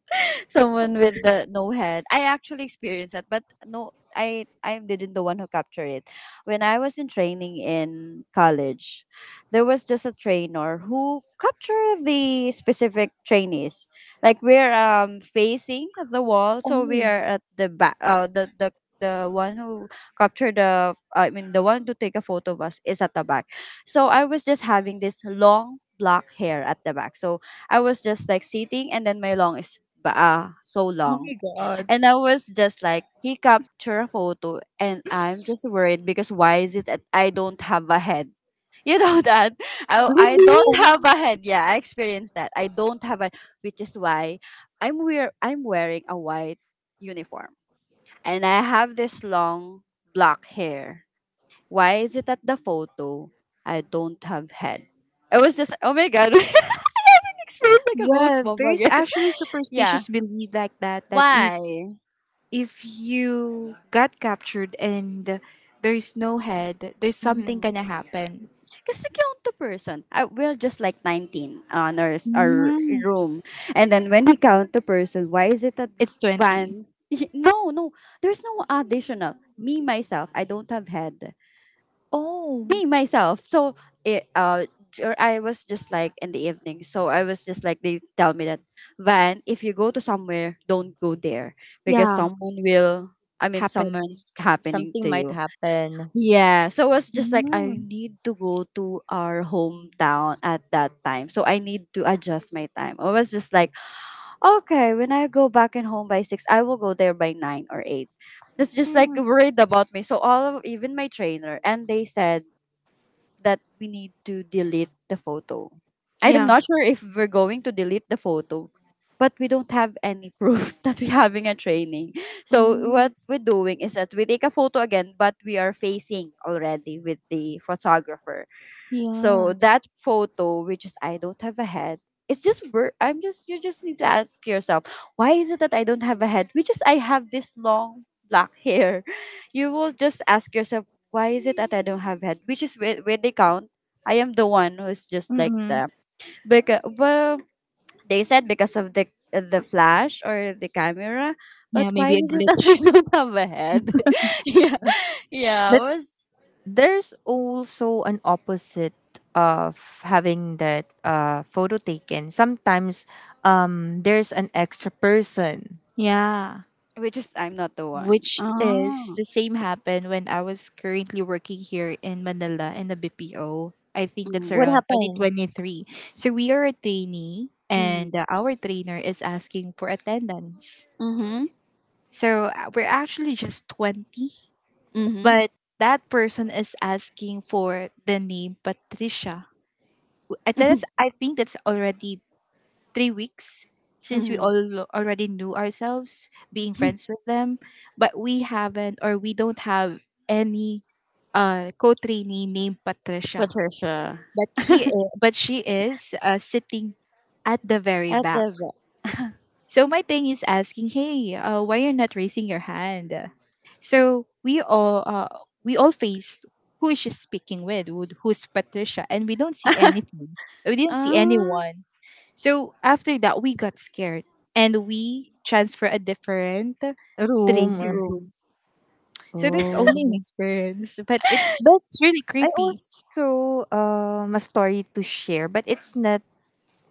Speaker 2: Someone with the no head. I actually experienced that, but no, I I didn't the one who captured it. When I was in training in college, there was just a trainer who captured the specific trainees. Like we're um facing at the wall, so we are at the back. Uh, the the the one who captured the, I mean, the one to take a photo of us is at the back. So I was just having this long black hair at the back. So I was just like sitting, and then my long is baa, so
Speaker 3: Oh my
Speaker 2: long.
Speaker 3: god.
Speaker 2: And I was just like, he captured a photo and I'm just worried because why is it that I don't have a head? You know that? I, I
Speaker 1: really,
Speaker 2: don't
Speaker 3: Oh,
Speaker 2: have a head. Yeah, I experienced that. I don't have a which is why I'm wear I'm wearing a white uniform. And I have this long black hair. Why is it that the photo I don't have head? I was just oh my god. I have an experience like a ghost
Speaker 3: yeah,
Speaker 2: bomb
Speaker 3: there's
Speaker 2: again.
Speaker 3: actually
Speaker 2: Yeah.
Speaker 3: superstitious belief like that that if
Speaker 2: Why?
Speaker 3: if you got captured and there's no head, there's something
Speaker 2: Mhm.
Speaker 3: gonna happen.
Speaker 2: Kasi counterperson, I we're just like nineteen on our s- our
Speaker 3: Mm.
Speaker 2: room. And then when we count the person, why is it that
Speaker 3: It's twenty.
Speaker 2: one? No, no. There's no additional. Me myself, I don't have head.
Speaker 3: Oh.
Speaker 2: Me myself. So it, uh dur- I was just like in the evening. So I was just like they tell me that Van, if you go to somewhere, don't go there because
Speaker 3: Yeah,
Speaker 2: someone will, I mean,
Speaker 3: happen.
Speaker 2: someone's happening
Speaker 1: something
Speaker 2: to
Speaker 1: might
Speaker 2: you.
Speaker 1: happen.
Speaker 2: Yeah, so I was just like, I
Speaker 3: Mm.
Speaker 2: need to go to our hometown at that time. So I need to adjust my time. I was just like, okay, when I go back and home by six, I will go there by nine or eight. It's just like
Speaker 3: Mm,
Speaker 2: worried about me. So all of even my trainer and they said that we need to delete the photo. I'm
Speaker 3: yeah.
Speaker 2: not sure if we're going to delete the photo, but we don't have any proof that we're having a training. So
Speaker 3: Mm,
Speaker 2: what we're doing is that we take a photo again, but we are facing already with the photographer. So
Speaker 3: yeah.
Speaker 2: that photo, which is I don't have a head, it's just bur- I'm just you just need to ask yourself, why is it that I don't have a head? Which is I have this long black hair. You will just ask yourself, why is it that I don't have head? Which is where, where they count. I am the one who's just like
Speaker 3: Mm-mm.
Speaker 2: them. Because well, they said because of the the flash or the camera. But
Speaker 3: Yeah,
Speaker 2: why
Speaker 3: maybe a
Speaker 2: is it that I
Speaker 3: glitch.
Speaker 2: don't have a head? Yeah, yeah, it
Speaker 1: But
Speaker 2: was
Speaker 1: there's also an opposite of having that uh photo taken. Sometimes um there's an extra person.
Speaker 3: Yeah,
Speaker 2: which is I'm not the one.
Speaker 3: which is
Speaker 2: Oh.
Speaker 3: the same happened when I was currently working here in Manila in the B P O. I think that's
Speaker 2: Mm-hmm.
Speaker 1: What
Speaker 3: around
Speaker 1: happened?
Speaker 3: twenty twenty-three. So we are a trainee and uh, our trainer is asking for attendance.
Speaker 2: Mhm.
Speaker 3: So uh, we're actually just twenty,
Speaker 2: Mhm.
Speaker 3: but that person is asking for the name Patricia. W- and that's, I think that's already three weeks since we
Speaker 2: Mhm.
Speaker 3: all already knew ourselves being friends with them, but we haven't or we don't have any uh, co-trainee named Patricia,
Speaker 2: Patricia
Speaker 3: but he is, but she is uh, sitting at the very
Speaker 2: at
Speaker 3: back.
Speaker 2: the v-
Speaker 3: So my thing is asking, hey, uh, why you're not raising your hand? So we all uh, we all faced who is she speaking with? Who- Who's Patricia? And we don't see anything. We didn't see
Speaker 2: uh
Speaker 3: anyone. So after that, we got scared and we transfer a different trainer
Speaker 1: Room.
Speaker 3: room.
Speaker 2: room.
Speaker 3: So that's
Speaker 1: Oh.
Speaker 3: only an experience, but it's
Speaker 1: But
Speaker 3: really
Speaker 1: I
Speaker 3: creepy.
Speaker 1: also um a story to share, but it's not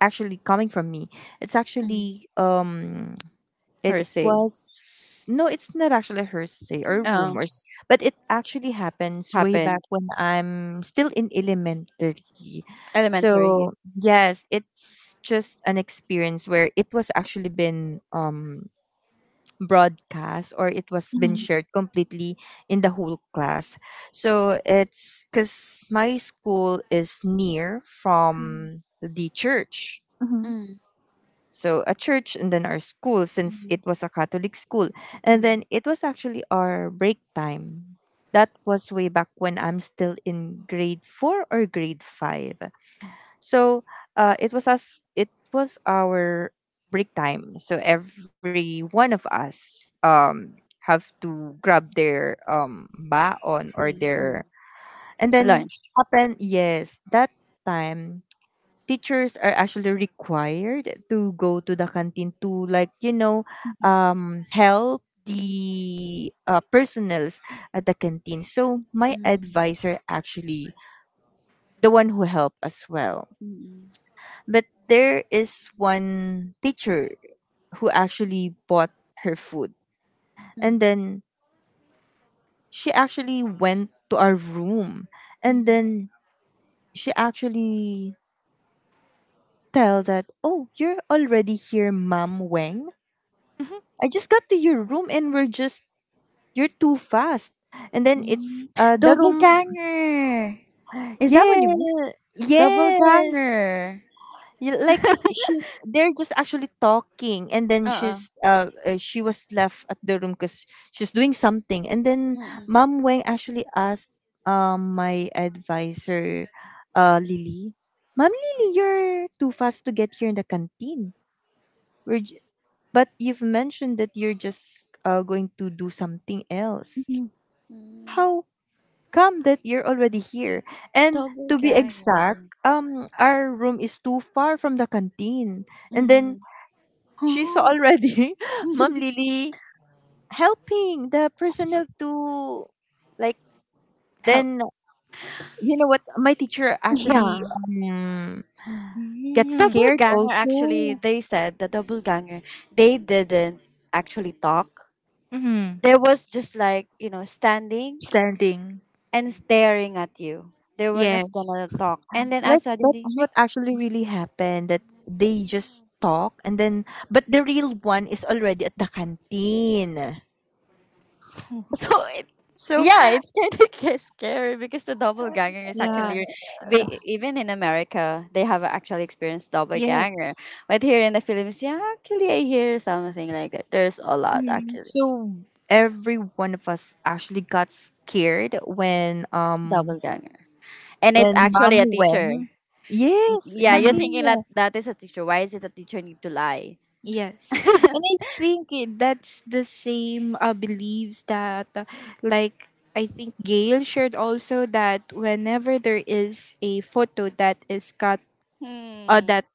Speaker 1: actually coming from me. It's
Speaker 2: Mm.
Speaker 1: actually um it
Speaker 2: Or say,
Speaker 1: was no, it's not actually hearsay or
Speaker 2: oh,
Speaker 1: rumors, but it actually happens way back
Speaker 2: happened
Speaker 1: when I'm still in elementary.
Speaker 2: elementary. Yeah.
Speaker 1: So yes, it's just an experience where it was actually been um broadcast or it was been
Speaker 2: Mm,
Speaker 3: Mhm,
Speaker 1: shared completely in the whole class. So it's because my school is near
Speaker 2: mm,
Speaker 1: from the church,
Speaker 3: mhm,
Speaker 2: mm,
Speaker 1: so a church, and then our school, since it
Speaker 2: mm,
Speaker 1: was a catholic school, and then
Speaker 2: mm,
Speaker 1: it was actually our break time, that was way back when I'm still in grade four or grade five. So uh, it was us, it was our break time, so every one of us um have to grab their um baon
Speaker 2: same.
Speaker 1: or
Speaker 2: Mm.
Speaker 1: their, and then
Speaker 2: Lunch.
Speaker 1: happen yes that time teachers are actually required to go to the canteen to, like, you know,
Speaker 3: mhm,
Speaker 1: um help the uh, personals at the canteen. So my
Speaker 2: Mm,
Speaker 1: advisor actually the one who helped as well,
Speaker 2: mm,
Speaker 1: but there is one teacher who actually bought her food, and
Speaker 2: mm,
Speaker 1: then she actually went to our room, and
Speaker 2: mm,
Speaker 1: then she actually tell that, oh, you're already here, Mom Wang.
Speaker 3: mhm.
Speaker 1: I just got to your room and we're just, you're too fast. And then it's
Speaker 2: mm.
Speaker 1: uh the
Speaker 2: Double
Speaker 1: room.
Speaker 2: ganger. Is that
Speaker 1: Yeah,
Speaker 2: what you mean? Double
Speaker 1: yes.
Speaker 2: ganger.
Speaker 1: You- like she's, they're just actually talking, and then
Speaker 2: Uh uh.
Speaker 1: she's, uh, uh she was left at the room because she's doing something. And then
Speaker 2: Mm-mm.
Speaker 1: Mom Wang actually asked um my advisor, uh Lily, Mom Lily, you're too fast to get here in the canteen, we're j- but you've mentioned that you're just uh, going to do something else.
Speaker 3: Mhm.
Speaker 2: Mm. Mm.
Speaker 1: How come that you're already here? And
Speaker 2: Double
Speaker 1: to be
Speaker 2: ganger.
Speaker 1: exact, um, our room is too far from the canteen. And then
Speaker 2: Mm.
Speaker 1: she's
Speaker 3: Oh,
Speaker 1: already, Mom Lily, helping the personnel to, like,
Speaker 3: how.
Speaker 1: then, you know what? My teacher actually
Speaker 2: Yeah.
Speaker 1: um, get
Speaker 3: Mhm,
Speaker 2: Double
Speaker 1: scared
Speaker 2: ganger, actually
Speaker 1: also.
Speaker 2: they said the double ganger they didn't actually talk.
Speaker 3: mhm.
Speaker 2: They was just like, you know, standing
Speaker 3: Standing?
Speaker 2: and staring at you. They were not
Speaker 3: Yes.
Speaker 2: gonna talk. And then uh,
Speaker 1: Like, that's
Speaker 2: suddenly.
Speaker 1: what actually really happened that they just talk, and then, but the real one is already at the canteen.
Speaker 2: So it
Speaker 1: So,
Speaker 2: yeah, it's kind of scary because the double ganger is
Speaker 3: Yeah.
Speaker 2: actually we, even in America they have actually experienced double
Speaker 3: Yes.
Speaker 2: ganger, but here in the Philippines, yeah, actually I hear something like that. There's a lot
Speaker 3: Mm-hmm.
Speaker 2: actually
Speaker 1: so every one of us actually got scared when um,
Speaker 2: double ganger, and it's
Speaker 1: when Mom
Speaker 2: actually a teacher.
Speaker 1: Wen.
Speaker 2: Y-
Speaker 1: Yes,
Speaker 2: Yeah, you're
Speaker 1: exactly.
Speaker 3: Mm-hmm.
Speaker 2: thinking that
Speaker 1: Mm.
Speaker 2: that is a teacher. Why is it a teacher need to lie?
Speaker 3: Yes. And I think it, that's the same uh, beliefs that, uh, like, I think Gail shared also that whenever there is a photo that is cut, uh,
Speaker 2: Hmm.
Speaker 3: that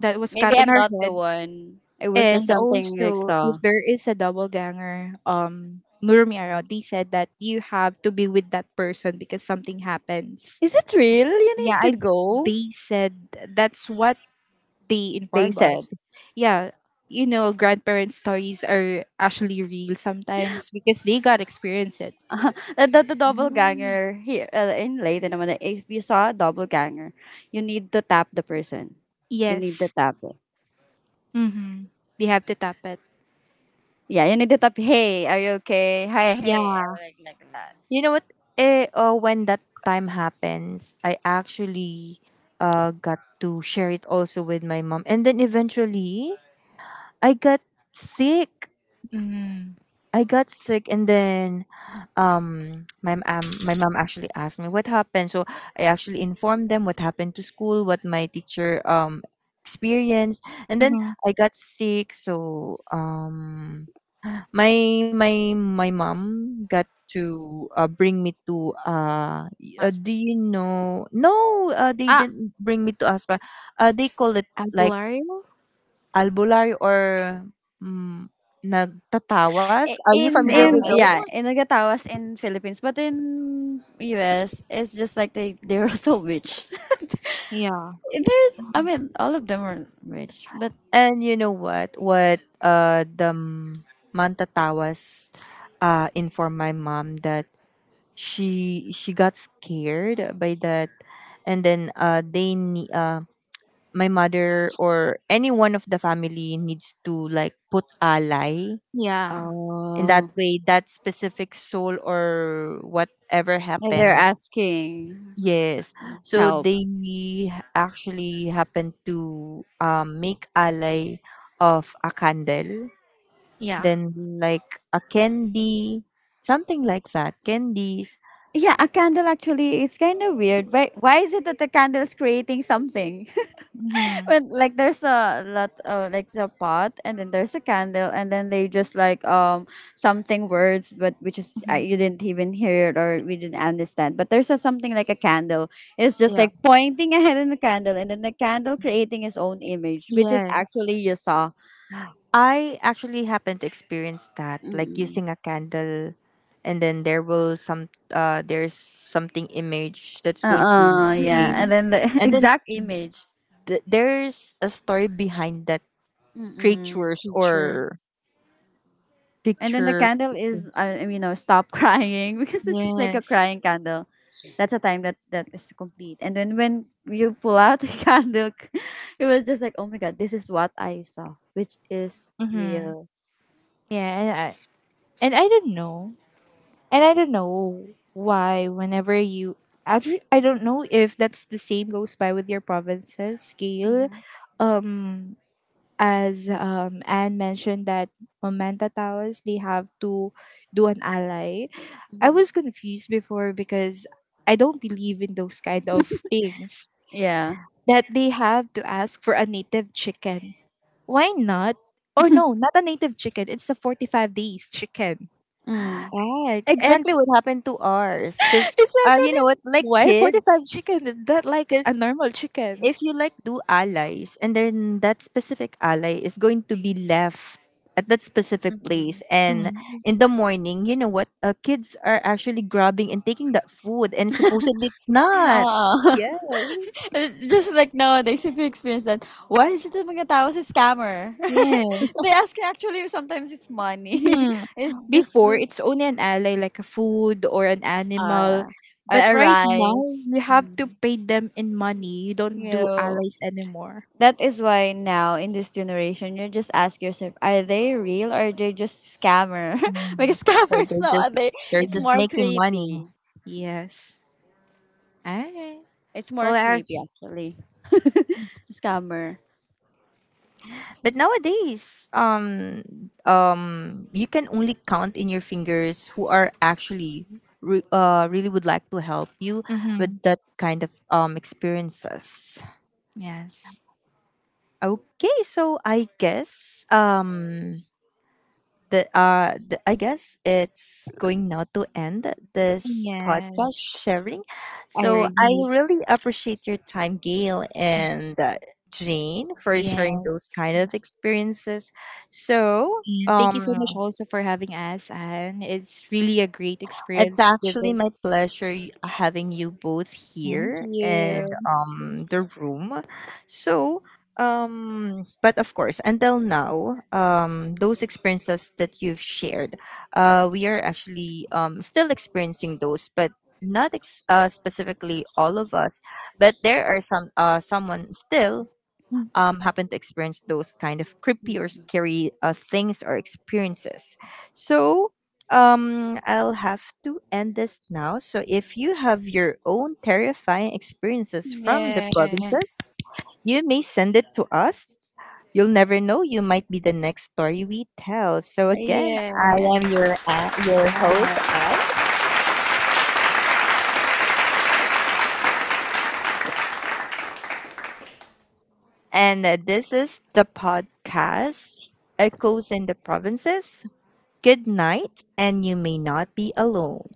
Speaker 3: that was
Speaker 2: Maybe
Speaker 3: cut on
Speaker 2: I'm
Speaker 3: our
Speaker 2: not the
Speaker 3: head,
Speaker 2: one. It was just
Speaker 3: and
Speaker 2: something like
Speaker 3: also
Speaker 2: saw.
Speaker 3: if there is a double ganger, um, Murumi Arati said that you have to be with that person because something happens.
Speaker 2: Is it real? You
Speaker 3: Yeah,
Speaker 2: need
Speaker 3: I
Speaker 2: to go.
Speaker 3: they said that's what they
Speaker 2: They
Speaker 3: inform us.
Speaker 2: said
Speaker 3: Yeah, you know, grandparents' stories are actually real sometimes because they got experience it.
Speaker 2: that, that the double ganger here, uh, in Leyte naman, eh, if you saw a double ganger, you need to tap the person. You need to
Speaker 3: Yes.
Speaker 2: tap it.
Speaker 3: Mm-hmm. They have to tap it.
Speaker 2: Yeah, you need to tap. Hey, are you okay? Hi, hey. I
Speaker 3: Yeah.
Speaker 2: like like that.
Speaker 1: You know what? Eh, uh, when that time happens, I actually uh got to share it also with my mom, and then eventually I got sick.
Speaker 3: Mm-hmm.
Speaker 1: I got sick, and then um my um, my mom actually asked me what happened. So I actually informed them what happened to school, what my teacher um experienced. And then
Speaker 3: Mm-hmm.
Speaker 1: I got sick, so um my my my mom got to, uh, bring me to uh, y- uh do
Speaker 2: Hospital.
Speaker 1: you know, no, uh, they didn't bring me to aspa, uh, they call it like
Speaker 3: Albulario?
Speaker 1: albularyo or, mm, nagtatawas,
Speaker 2: I-
Speaker 1: are you
Speaker 2: in
Speaker 1: familiar
Speaker 2: in
Speaker 1: with
Speaker 3: Towel.
Speaker 2: yeah
Speaker 1: those?
Speaker 2: in Nagatawas in Philippines, but in U S it's just like they they're also rich.
Speaker 3: Yeah.
Speaker 2: There's, I mean, all of them are rich, but
Speaker 1: And you know what? What uh the m- Mantatawas uh informed my mom that she she got scared by that, and then uh they ne- uh my mother or any one of the family needs to, like, put alay
Speaker 3: Yeah.
Speaker 1: in that
Speaker 2: oh
Speaker 1: way, that specific soul or whatever
Speaker 2: like they're
Speaker 1: happens.
Speaker 2: asking
Speaker 1: Yes, so
Speaker 2: help.
Speaker 1: they actually happen to, um, make alay of a candle,
Speaker 3: Yeah.
Speaker 1: then like a candy, something like that, candies.
Speaker 2: Yeah, a candle actually it's kind of weird. Why why is it that the candle's creating something?
Speaker 3: Mm-hmm.
Speaker 2: When like there's a lot uh, like there's a pot and then there's a candle and then they just like um something words, but which is, uh, you
Speaker 3: Mm-hmm.
Speaker 2: didn't even hear it or we didn't understand, but there's a, something like a candle. It's just
Speaker 3: Yeah.
Speaker 2: like pointing ahead in the candle, and then the candle creating his own image, which is
Speaker 3: Yes.
Speaker 2: actually you saw
Speaker 1: I actually happen to experience that, like
Speaker 2: mm.
Speaker 1: using a candle, and then there will some uh there's something image that's going to
Speaker 2: Uh-uh, yeah,
Speaker 1: create,
Speaker 3: Mm-hmm.
Speaker 2: and then the
Speaker 1: and then
Speaker 2: exact image.
Speaker 1: th- there's a story behind that
Speaker 2: Mm-mm.
Speaker 1: creatures
Speaker 3: Teacher.
Speaker 1: or
Speaker 2: And then the
Speaker 1: picture.
Speaker 2: candle is, uh, you know, stop crying because it's just like a
Speaker 3: Yes.
Speaker 2: crying candle. That's a time that that is complete. And then when you pull out the candle, it was just like, oh my god, this is what I saw, which is
Speaker 3: Mm-hmm.
Speaker 2: real.
Speaker 3: Yeah. And I, and I don't know. And I don't know why, whenever you. Actually, I don't know if that's the same goes by with your provinces scale.
Speaker 2: Mhm,
Speaker 3: Um, as um, Anne mentioned, that on Manta Towers, they have to do an ally. I
Speaker 2: mhm.
Speaker 3: was confused before because I don't believe in those kind of things
Speaker 2: Yeah.
Speaker 3: that they have to ask for a native chicken. Why not? Or no, not a native chicken. It's a forty-five days chicken.
Speaker 2: Mm.
Speaker 3: Right. And
Speaker 1: Exactly what happened to ours, because
Speaker 2: It's
Speaker 1: uh you know what,
Speaker 2: actually.
Speaker 1: like
Speaker 3: why forty-five
Speaker 1: kids,
Speaker 3: chicken? Is that like a
Speaker 1: because
Speaker 3: normal chicken?
Speaker 1: if you like do allies and then that specific ally is going to be left at that specific
Speaker 2: Mhm.
Speaker 1: place, and
Speaker 3: Mm.
Speaker 1: in the morning, you know what, uh, kids are actually grabbing and taking that food, and supposedly it's not,
Speaker 2: Oo.
Speaker 3: Yes.
Speaker 2: It's just like nowadays, if you experience that, why is it that mga tao si scammer?
Speaker 3: Yes.
Speaker 2: They ask actually sometimes it's money.
Speaker 3: Mhm.
Speaker 2: It's just
Speaker 3: Before,
Speaker 2: like,
Speaker 3: it's only an ally, like a food or an animal.
Speaker 2: or
Speaker 3: But
Speaker 2: a
Speaker 3: right now,
Speaker 2: rice.
Speaker 3: you have
Speaker 2: Mm.
Speaker 3: to pay them in money. You don't
Speaker 2: You
Speaker 3: do
Speaker 2: know,
Speaker 3: allies anymore.
Speaker 2: that is why now in this generation, you just ask yourself, are they real or are they just scammer?
Speaker 3: Mm,
Speaker 2: Because
Speaker 1: or
Speaker 2: scammers
Speaker 1: they're
Speaker 2: nowadays,
Speaker 1: just, they're
Speaker 2: it's
Speaker 3: mm.
Speaker 1: just
Speaker 2: more
Speaker 1: making money.
Speaker 2: creepy.
Speaker 3: Yes. Alright.
Speaker 2: It's more
Speaker 3: Well,
Speaker 2: creepy
Speaker 3: actually,
Speaker 2: actually. Scammer.
Speaker 1: But nowadays, um um you can only count in your fingers who are actually re- uh, really would like to help you with
Speaker 3: mm-hmm.
Speaker 1: that kind of um experiences.
Speaker 3: Yes.
Speaker 1: Okay, so I guess um the uh the, I guess it's going now to end this
Speaker 3: Yeah.
Speaker 1: podcast sharing.
Speaker 3: I
Speaker 1: So I
Speaker 3: really.
Speaker 1: really appreciate your time, Gail, and uh, Jane, for sharing those
Speaker 3: Yes.
Speaker 1: kind of experiences. So
Speaker 3: And thank you
Speaker 1: um,
Speaker 3: so much also for having us, and it's really a great
Speaker 1: it's
Speaker 3: experience with
Speaker 1: actually my
Speaker 3: this.
Speaker 1: pleasure y- uh, having you both
Speaker 3: Thank
Speaker 1: here and
Speaker 3: you.
Speaker 1: um the room. So um but of course, until now, um those experiences that you've shared, uh we are actually um still experiencing those, but not ex- uh, specifically all of us, but there are some uh someone still
Speaker 3: Mm.
Speaker 1: um, happen to experience those kind of creepy or
Speaker 2: Mm.
Speaker 1: scary uh, things or experiences. So um, I'll have to end this now. So if you have your own terrifying experiences from the
Speaker 2: Yeah.
Speaker 1: provinces, you may send it to us. You'll never know. You might be the next story we tell. So again, I am
Speaker 2: Yeah.
Speaker 1: your uh, your host
Speaker 3: Bye.
Speaker 1: Anne, and uh, this is the podcast Echoes in the Provinces. Good night, and you may not be alone.